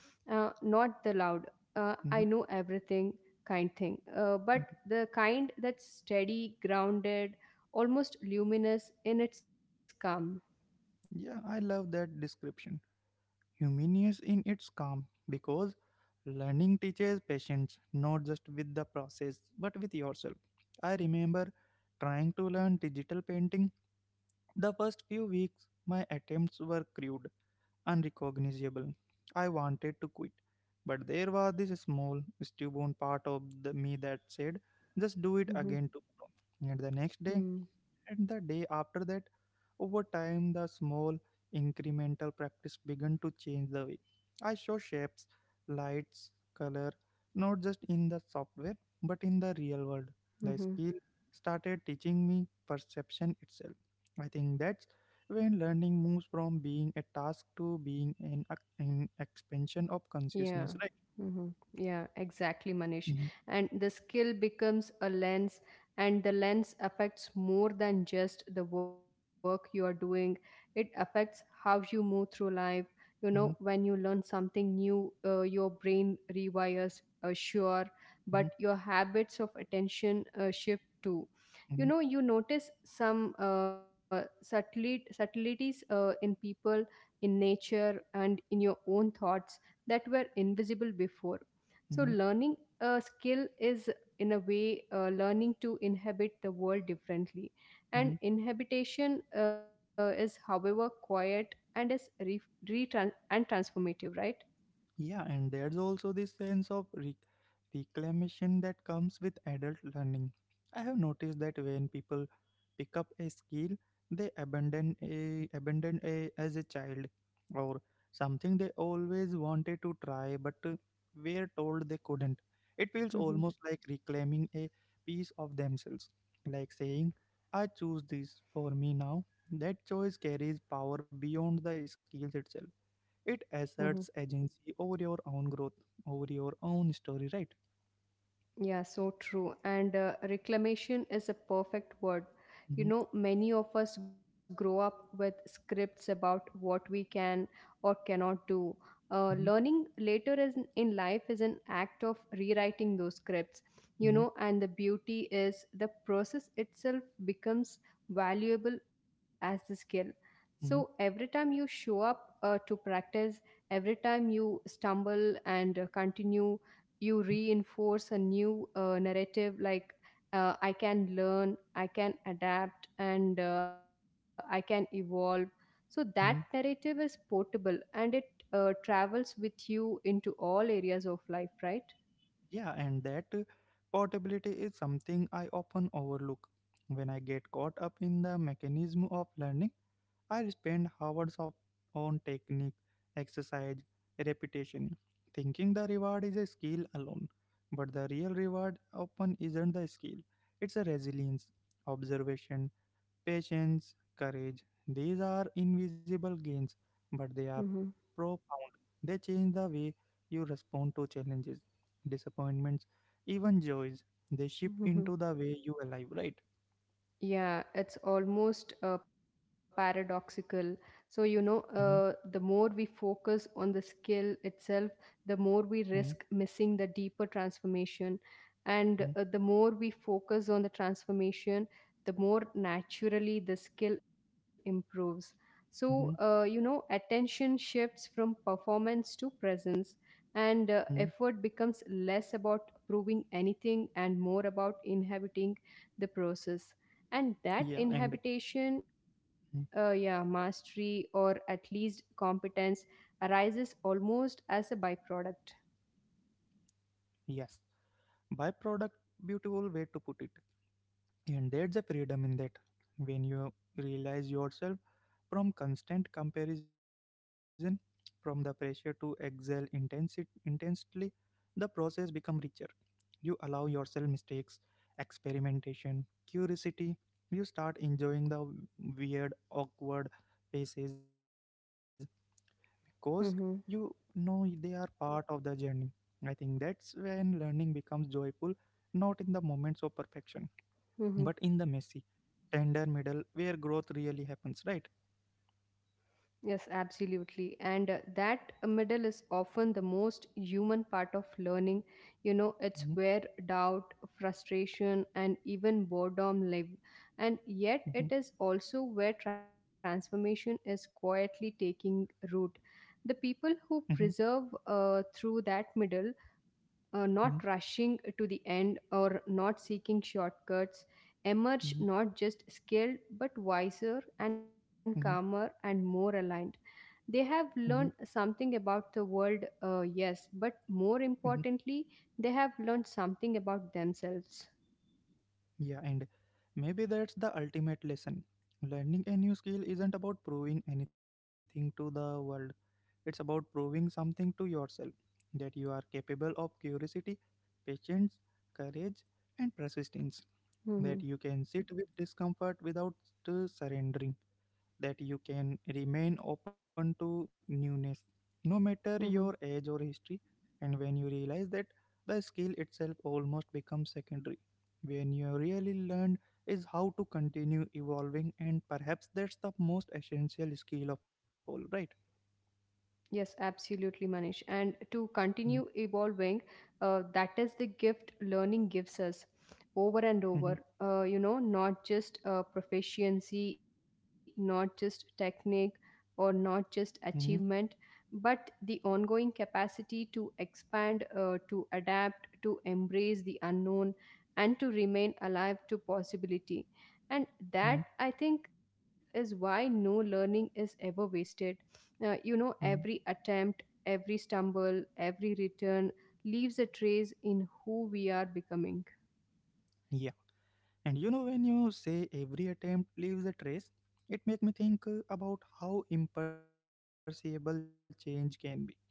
S2: not the loud I
S1: mhm,
S2: know everything kind thing, but
S1: mhm.
S2: the kind that's steady, grounded, almost luminous in its calm.
S1: Yeah, I love that description. Humanious in its calm, because learning teaches patience, not just with the process but with yourself. I remember trying to learn digital painting. The first few weeks my attempts were crude, unrecognizable. I wanted to quit, but there was this small stubborn part of the me that said, just do it
S2: Mhm.
S1: again tomorrow, and the next day,
S2: Hmm.
S1: and the day after that. Over time, the small incremental practice began to change the way I show shapes, lights, color, not just in the software but in the real world. The
S2: Mm-hmm.
S1: skill started teaching me perception itself. I think that's when learning moves from being a task to being an expansion of
S2: Yeah.
S1: consciousness, right?
S2: Hmm. Yeah, exactly, Manish.
S1: Hmm,
S2: And the skill becomes a lens, and the lens affects more than just the work you are doing. It affects how you move through life. You know, when
S1: hmm,
S2: you learn something new, your brain rewires, sure, but
S1: hmm,
S2: your habits of attention shift too. You know, you notice some subtleties in people, in nature, and in your own thoughts that were invisible before. So,
S1: hmm,
S2: learning a skill is, in a way, learning to inhabit the world differently. And
S1: hmm.
S2: inhabitation is, however, quiet and is re- retran- and transformative, right?
S1: Yeah, and there's also this sense of reclamation that comes with adult learning. I have noticed that when people pick up a skill, they abandon a as a child, or something they always wanted to try but were told they couldn't. It feels
S2: Hmm.
S1: almost like reclaiming a piece of themselves, like saying, "I choose this for me now." That choice carries power beyond the skills itself. It asserts agency over your own growth, over your own story, right?
S2: Yeah, so true. And reclamation is a perfect word. You
S1: Hmm,
S2: know, many of us grow up with scripts about what we can or cannot do.
S1: hmm,
S2: Learning later is in life is an act of rewriting those scripts. You
S1: hmm,
S2: know, and the beauty is the process itself becomes valuable as the skill. So every
S1: hmm,
S2: time you show up to practice, every time you stumble and continue, you reinforce a new narrative like I can learn, I can adapt, and I can evolve. So that narrative
S1: hmm.
S2: is portable and it travels with you into all areas of life, right?
S1: Yeah, and that portability is something I often overlook. When I get caught up in the mechanism of learning, I spend hours of on technique, exercise, repetition, thinking the reward is a skill alone. But the real reward often isn't the skill, it's a resilience, observation, patience, courage. These are invisible gains, but they are
S2: Mhm.
S1: profound. They change the way you respond to challenges, disappointments, even joys. They shift
S2: Mhm.
S1: into the way you alive, right?
S2: Yeah, it's almost paradoxical. So, you know,
S1: Mhm,
S2: the more we focus on the skill itself, the more we risk
S1: mhm,
S2: missing the deeper transformation. And
S1: mhm,
S2: the more we focus on the transformation, the more naturally the skill improves. So, you
S1: mhm,
S2: know, attention shifts from performance to presence, and
S1: mhm.
S2: effort becomes less about proving anything and more about inhabiting the process, and that
S1: Yeah, and
S2: inhabitation yeah,
S1: mhm,
S2: mastery or at least competence arises almost as a byproduct.
S1: yes, byproduct, beautiful way to put it. And there's a freedom in that. When you realize yourself from constant comparison, from the pressure to excel intensely, the process becomes richer. You allow yourself mistakes, experimentation, curiosity. You start enjoying the weird, awkward phases because you know
S2: Mm-hmm,
S1: they are part of the journey. I think that's when learning becomes joyful, not in the moments of perfection, but in
S2: mm-hmm.
S1: the messy, tender middle where growth really happens, right?
S2: Yes, absolutely, and that middle is often the most human part of learning. You know, it's
S1: Mhm,
S2: where doubt, frustration, and even boredom live, and yet it
S1: mhm,
S2: is also where transformation is quietly taking root. The people who
S1: mhm.
S2: preserve through that middle, not
S1: Mhm,
S2: rushing to the end or not seeking shortcuts, emerge
S1: mhm,
S2: not just skilled but wiser and calmer
S1: mhm,
S2: and more aligned. They have learned
S1: mhm,
S2: something about the world, yes, but more
S1: mhm.
S2: importantly, they have learned something about themselves.
S1: Yeah, and maybe that's the ultimate lesson. Learning a new skill isn't about proving anything to the world, it's about proving something to yourself, that you are capable of curiosity, patience, courage, and persistence, that
S2: Hmm.
S1: you can sit with discomfort without surrendering, that you can remain open to newness, no matter your age or history. And when you realize that, the skill itself almost becomes secondary. When you really learn is how to continue evolving, and perhaps that's the most essential skill of all, right?
S2: Yes, absolutely, Manish. And to
S1: Mm,
S2: continue evolving, that is the gift learning gives us over and
S1: mhm,
S2: over. You know, not just proficiency, not just technique, or not just
S1: mhm,
S2: achievement, but the ongoing capacity to expand, to adapt, to embrace the unknown, and to remain alive to possibility. And that,
S1: mhm,
S2: I think, is why no learning is ever wasted. You know, every
S1: mhm.
S2: attempt, every stumble, every return leaves a trace in who we are becoming.
S1: Yeah. And you know, when you say every attempt leaves a trace, it makes me think about how imperceptible change can be.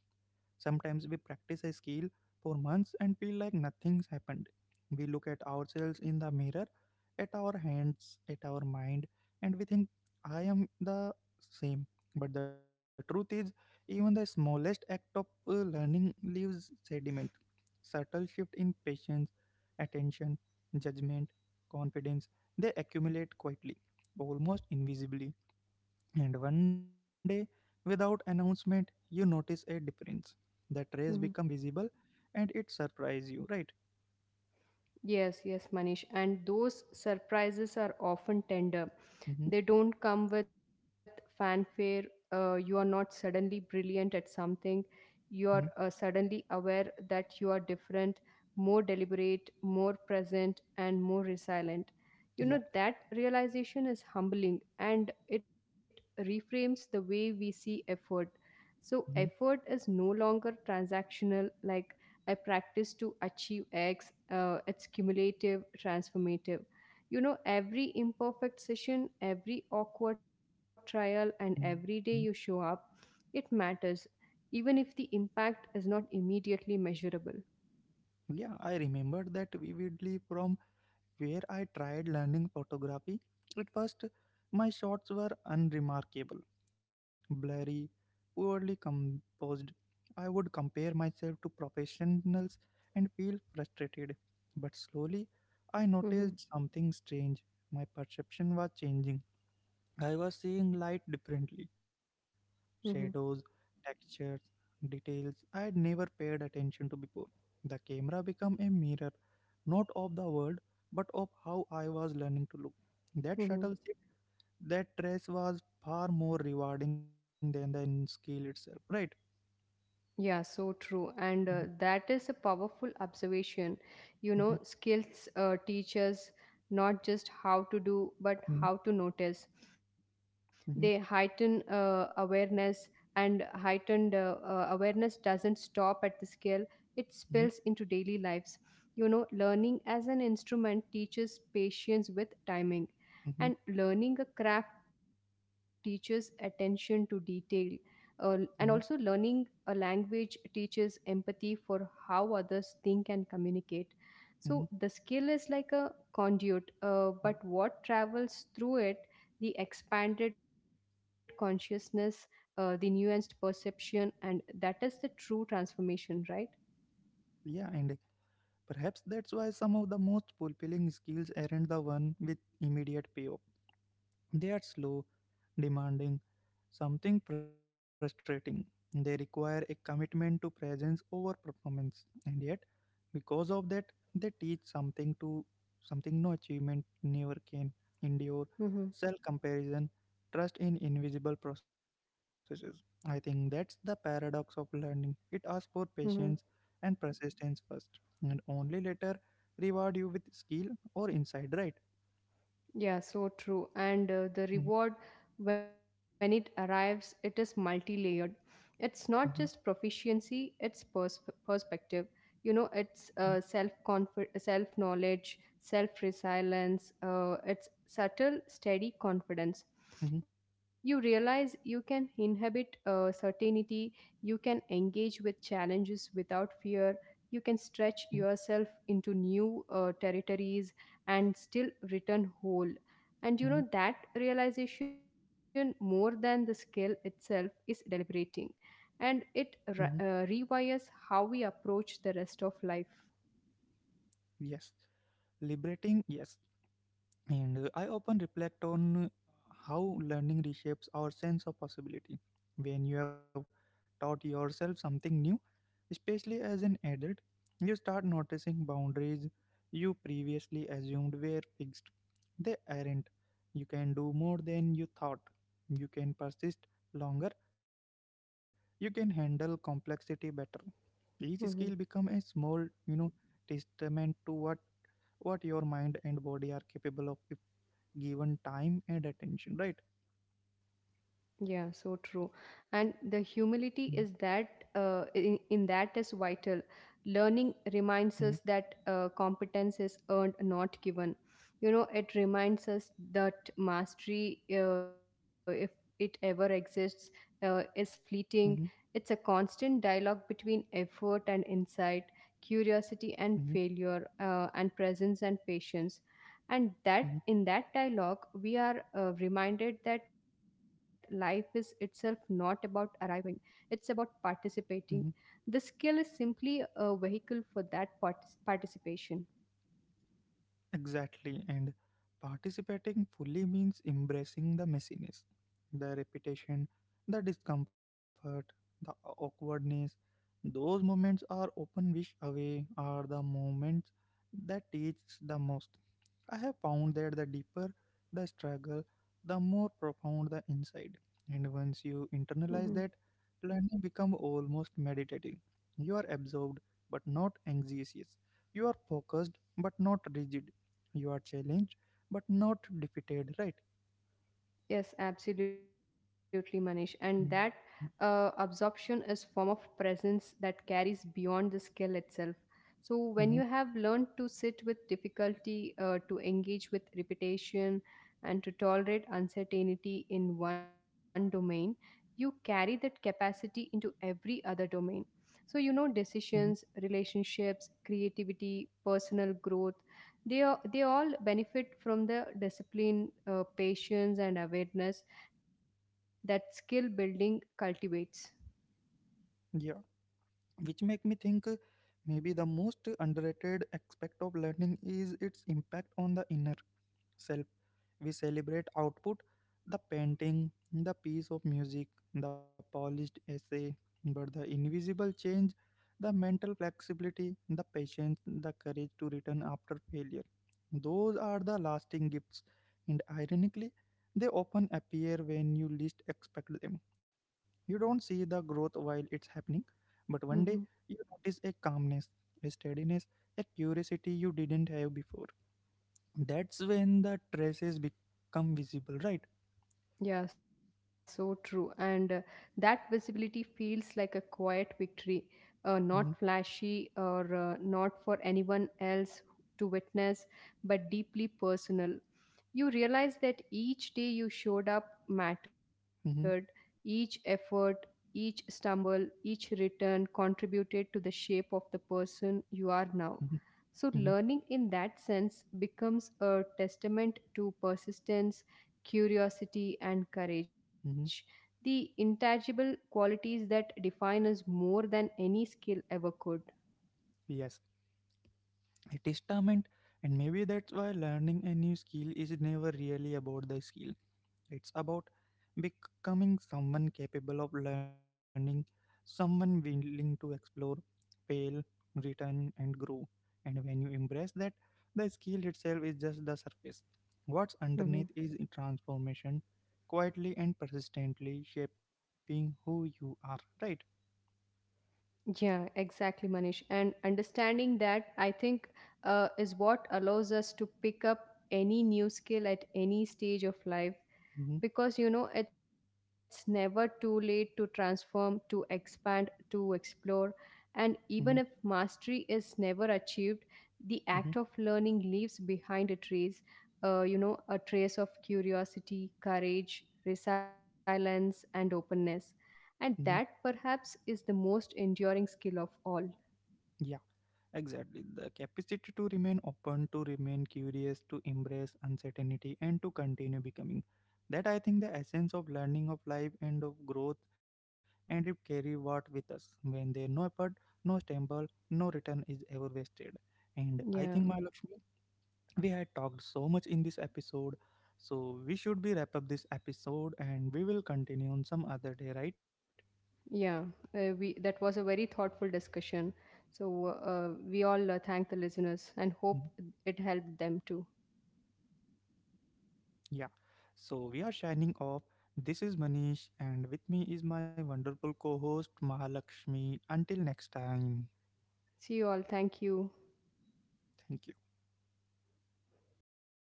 S1: Sometimes we practice a skill for months and feel like nothing's happened. We look at ourselves in the mirror, at our hands, at our mind, and we think, I am the same. But the truth is, even the smallest act of learning leaves sediment. Subtle shift in patience, attention, judgment, confidence, they accumulate quietly, almost invisibly, and one day, without announcement, you notice a difference. The trace
S2: Mhm.
S1: become visible, and it surprise you, right?
S2: Yes, yes, Manish. And those surprises are often tender. They don't
S1: Mm-hmm,
S2: come with fanfare. You are not suddenly brilliant at something. You are
S1: mm-hmm,
S2: suddenly aware that you are different, more deliberate, more present, and more resilient. You know,
S1: yeah,
S2: that realization is humbling and it reframes the way we see effort. So,
S1: mm-hmm,
S2: effort is no longer transactional, like I practice to achieve X, it's cumulative, transformative. You know, every imperfect session, every awkward trial, and every day you
S1: mm-hmm.
S2: show up, it matters, even if the impact is not immediately measurable.
S1: Yeah. I remember that vividly from where I tried learning photography. At first, my shots were unremarkable, blurry, poorly composed. I would compare myself to professionals and feel frustrated. But slowly, I
S2: Mm-hmm.
S1: noticed something strange. My perception was changing. I was seeing light differently,
S2: Mm-hmm.
S1: shadows, textures, details I had never paid attention to before. The camera became a mirror, not of the world, but of how I was learning to look. That
S2: Mm-hmm.
S1: subtle shift, that trace was far more rewarding than the skill itself, right?
S2: Yeah, so true.
S1: Mhm,
S2: And that is a powerful observation. You
S1: mhm,
S2: know, skills teach us not just how to do, but
S1: mhm,
S2: how to notice. They heighten
S1: mhm,
S2: awareness, and heightened awareness doesn't stop at the skill, it spills into daily lives. You know, learning as an instrument teaches patience with timing,
S1: mhm,
S2: and learning a craft teaches attention to detail, and
S1: mhm, mhm,
S2: also learning a language teaches empathy for how others think and communicate.
S1: mhm.
S2: So the skill is like a conduit, but what travels through it, the expanded consciousness, the nuanced perception, and that is the true transformation, right?
S1: Yeah, and perhaps that's why some of the most fulfilling skills aren't the one with immediate payoff. They are slow, demanding, something frustrating. They require a commitment to presence over performance, and yet, because of that, they teach something to something no achievement never can endure,
S2: Mm-hmm.
S1: self comparison, trust in invisible processes. I think that's the paradox of learning. It asks for patience and persistence first, and only later reward you with skill or insight, right?
S2: Yeah, so true. And the reward,
S1: Mm-hmm.
S2: when it arrives, it is multi layered. It's not just
S1: Mm-hmm.
S2: proficiency, perspective. You know, it's self knowledge, self resilience, it's subtle, steady confidence. You
S1: Mm-hmm.
S2: realize you can inhabit certainty, you can engage with challenges without fear, you can stretch
S1: Mm-hmm,
S2: yourself into new territories and still return whole. And you know,
S1: mm-hmm.
S2: that realization, more than the skill itself, is deliberating, and
S1: Mhm.
S2: rewires how we approach the rest of life.
S1: Yes, liberating, yes. And I often reflect on how learning reshapes our sense of possibility. When you have taught yourself something new, especially as an adult, you start noticing boundaries you previously assumed were fixed. They aren't. You can do more than you thought. You can persist longer. You can handle complexity better. Each skill
S2: Mhm.
S1: becomes a small, you know, testament to what your mind and body are capable of if given time and attention, right?
S2: Yeah, so true. And the humility
S1: Mm-hmm,
S2: is that in that is vital. Learning reminds us that competence is earned, not given. You know, it reminds us that mastery, if it ever exists, is fleeting.
S1: mm-hmm,
S2: It's a constant dialogue between effort and insight, curiosity and
S1: mm-hmm,
S2: failure, and presence and patience, and that
S1: mm-hmm.
S2: in that dialogue we are reminded that life is itself not about arriving, it's about participating.
S1: Mm-hmm.
S2: The skill is simply a vehicle for that participation.
S1: Exactly, and participating fully means embracing the messiness, the repetition, the discomfort, the awkwardness. Those moments are often wished away are the moments that teach the most. I have found that the deeper the struggle, the more profound the insight. And once
S2: Mm-hmm.
S1: you internalize that, learning becomes almost meditative. You are absorbed but not anxious. You are focused but not rigid. You are challenged but not defeated, right?
S2: Yes, absolutely, Manish. And that absorption is form of presence that carries beyond the skill itself. So when you have
S1: Mm-hmm,
S2: learned to sit with difficulty, to engage with repetition, and to tolerate uncertainty in one domain, you carry that capacity into every other domain. So you know,
S1: hmm.
S2: decisions, relationships, creativity, personal growth, they all benefit from the discipline, patience, and awareness that skill building cultivates.
S1: Yeah. Which make me think maybe the most underrated aspect of learning is its impact on the inner self. We celebrate output, the painting, the piece of music, the polished essay, but the invisible change, the mental flexibility, the patience, the courage to return after failure. Those are the lasting gifts, and ironically, they often appear when you least expect them. You don't see the growth while it's happening, but one day
S2: Mhm.
S1: you notice a calmness, a steadiness, a curiosity you didn't have before. That's when the traces become visible, right?
S2: Yeah, so true. And that visibility feels like a quiet victory, not
S1: Hmm,
S2: flashy or not for anyone else to witness, but deeply personal. You realize that each day you showed up mattered,
S1: hmm,
S2: each effort, each stumble, each return contributed to the shape of the person you are now.
S1: hmm,
S2: So,
S1: hmm,
S2: learning in that sense becomes a testament to persistence, curiosity, and courage.
S1: hmm.
S2: The intangible qualities that define us more than any skill ever could.
S1: Yes, it is testament, and maybe that's why learning a new skill is never really about the skill. It's about becoming someone capable of learning, someone willing to explore, fail, return, and grow. And when you embrace that, the skill itself is just the surface. What's
S2: Mhm.
S1: underneath is transformation, quietly and persistently shaping who you are, right?
S2: Yeah, exactly, Manish. And understanding that, I think, is what allows us to pick up any new skill at any stage of life,
S1: Mm-hmm,
S2: because you know it's never too late to transform, to expand, to explore. And even
S1: mm-hmm,
S2: if mastery is never achieved, the act
S1: mm-hmm,
S2: of learning leaves behind a trace, you know, a trace of curiosity, courage, resilience, and openness, and
S1: mm-hmm.
S2: that perhaps is the most enduring skill of all.
S1: Yeah. Exactly. The capacity to remain open, to remain curious, to embrace uncertainty, and to continue becoming. That I think the essence of learning, of life, and of growth, and it carry what with us. When there no effort, no stumble, no return is ever wasted. And I
S2: Yeah.
S1: think, my Lakshmi, we had talked so much in this episode, so we should be wrap up this episode, and we will continue on some other day, right?
S2: Yeah, we that was a very thoughtful discussion. So we all thank the listeners and hope it helped them too.
S1: Yeah, so we are shining off. This is Manish, and with me is my wonderful co host Mahalakshmi. Until next time,
S2: See you all. Thank you.
S1: thank you.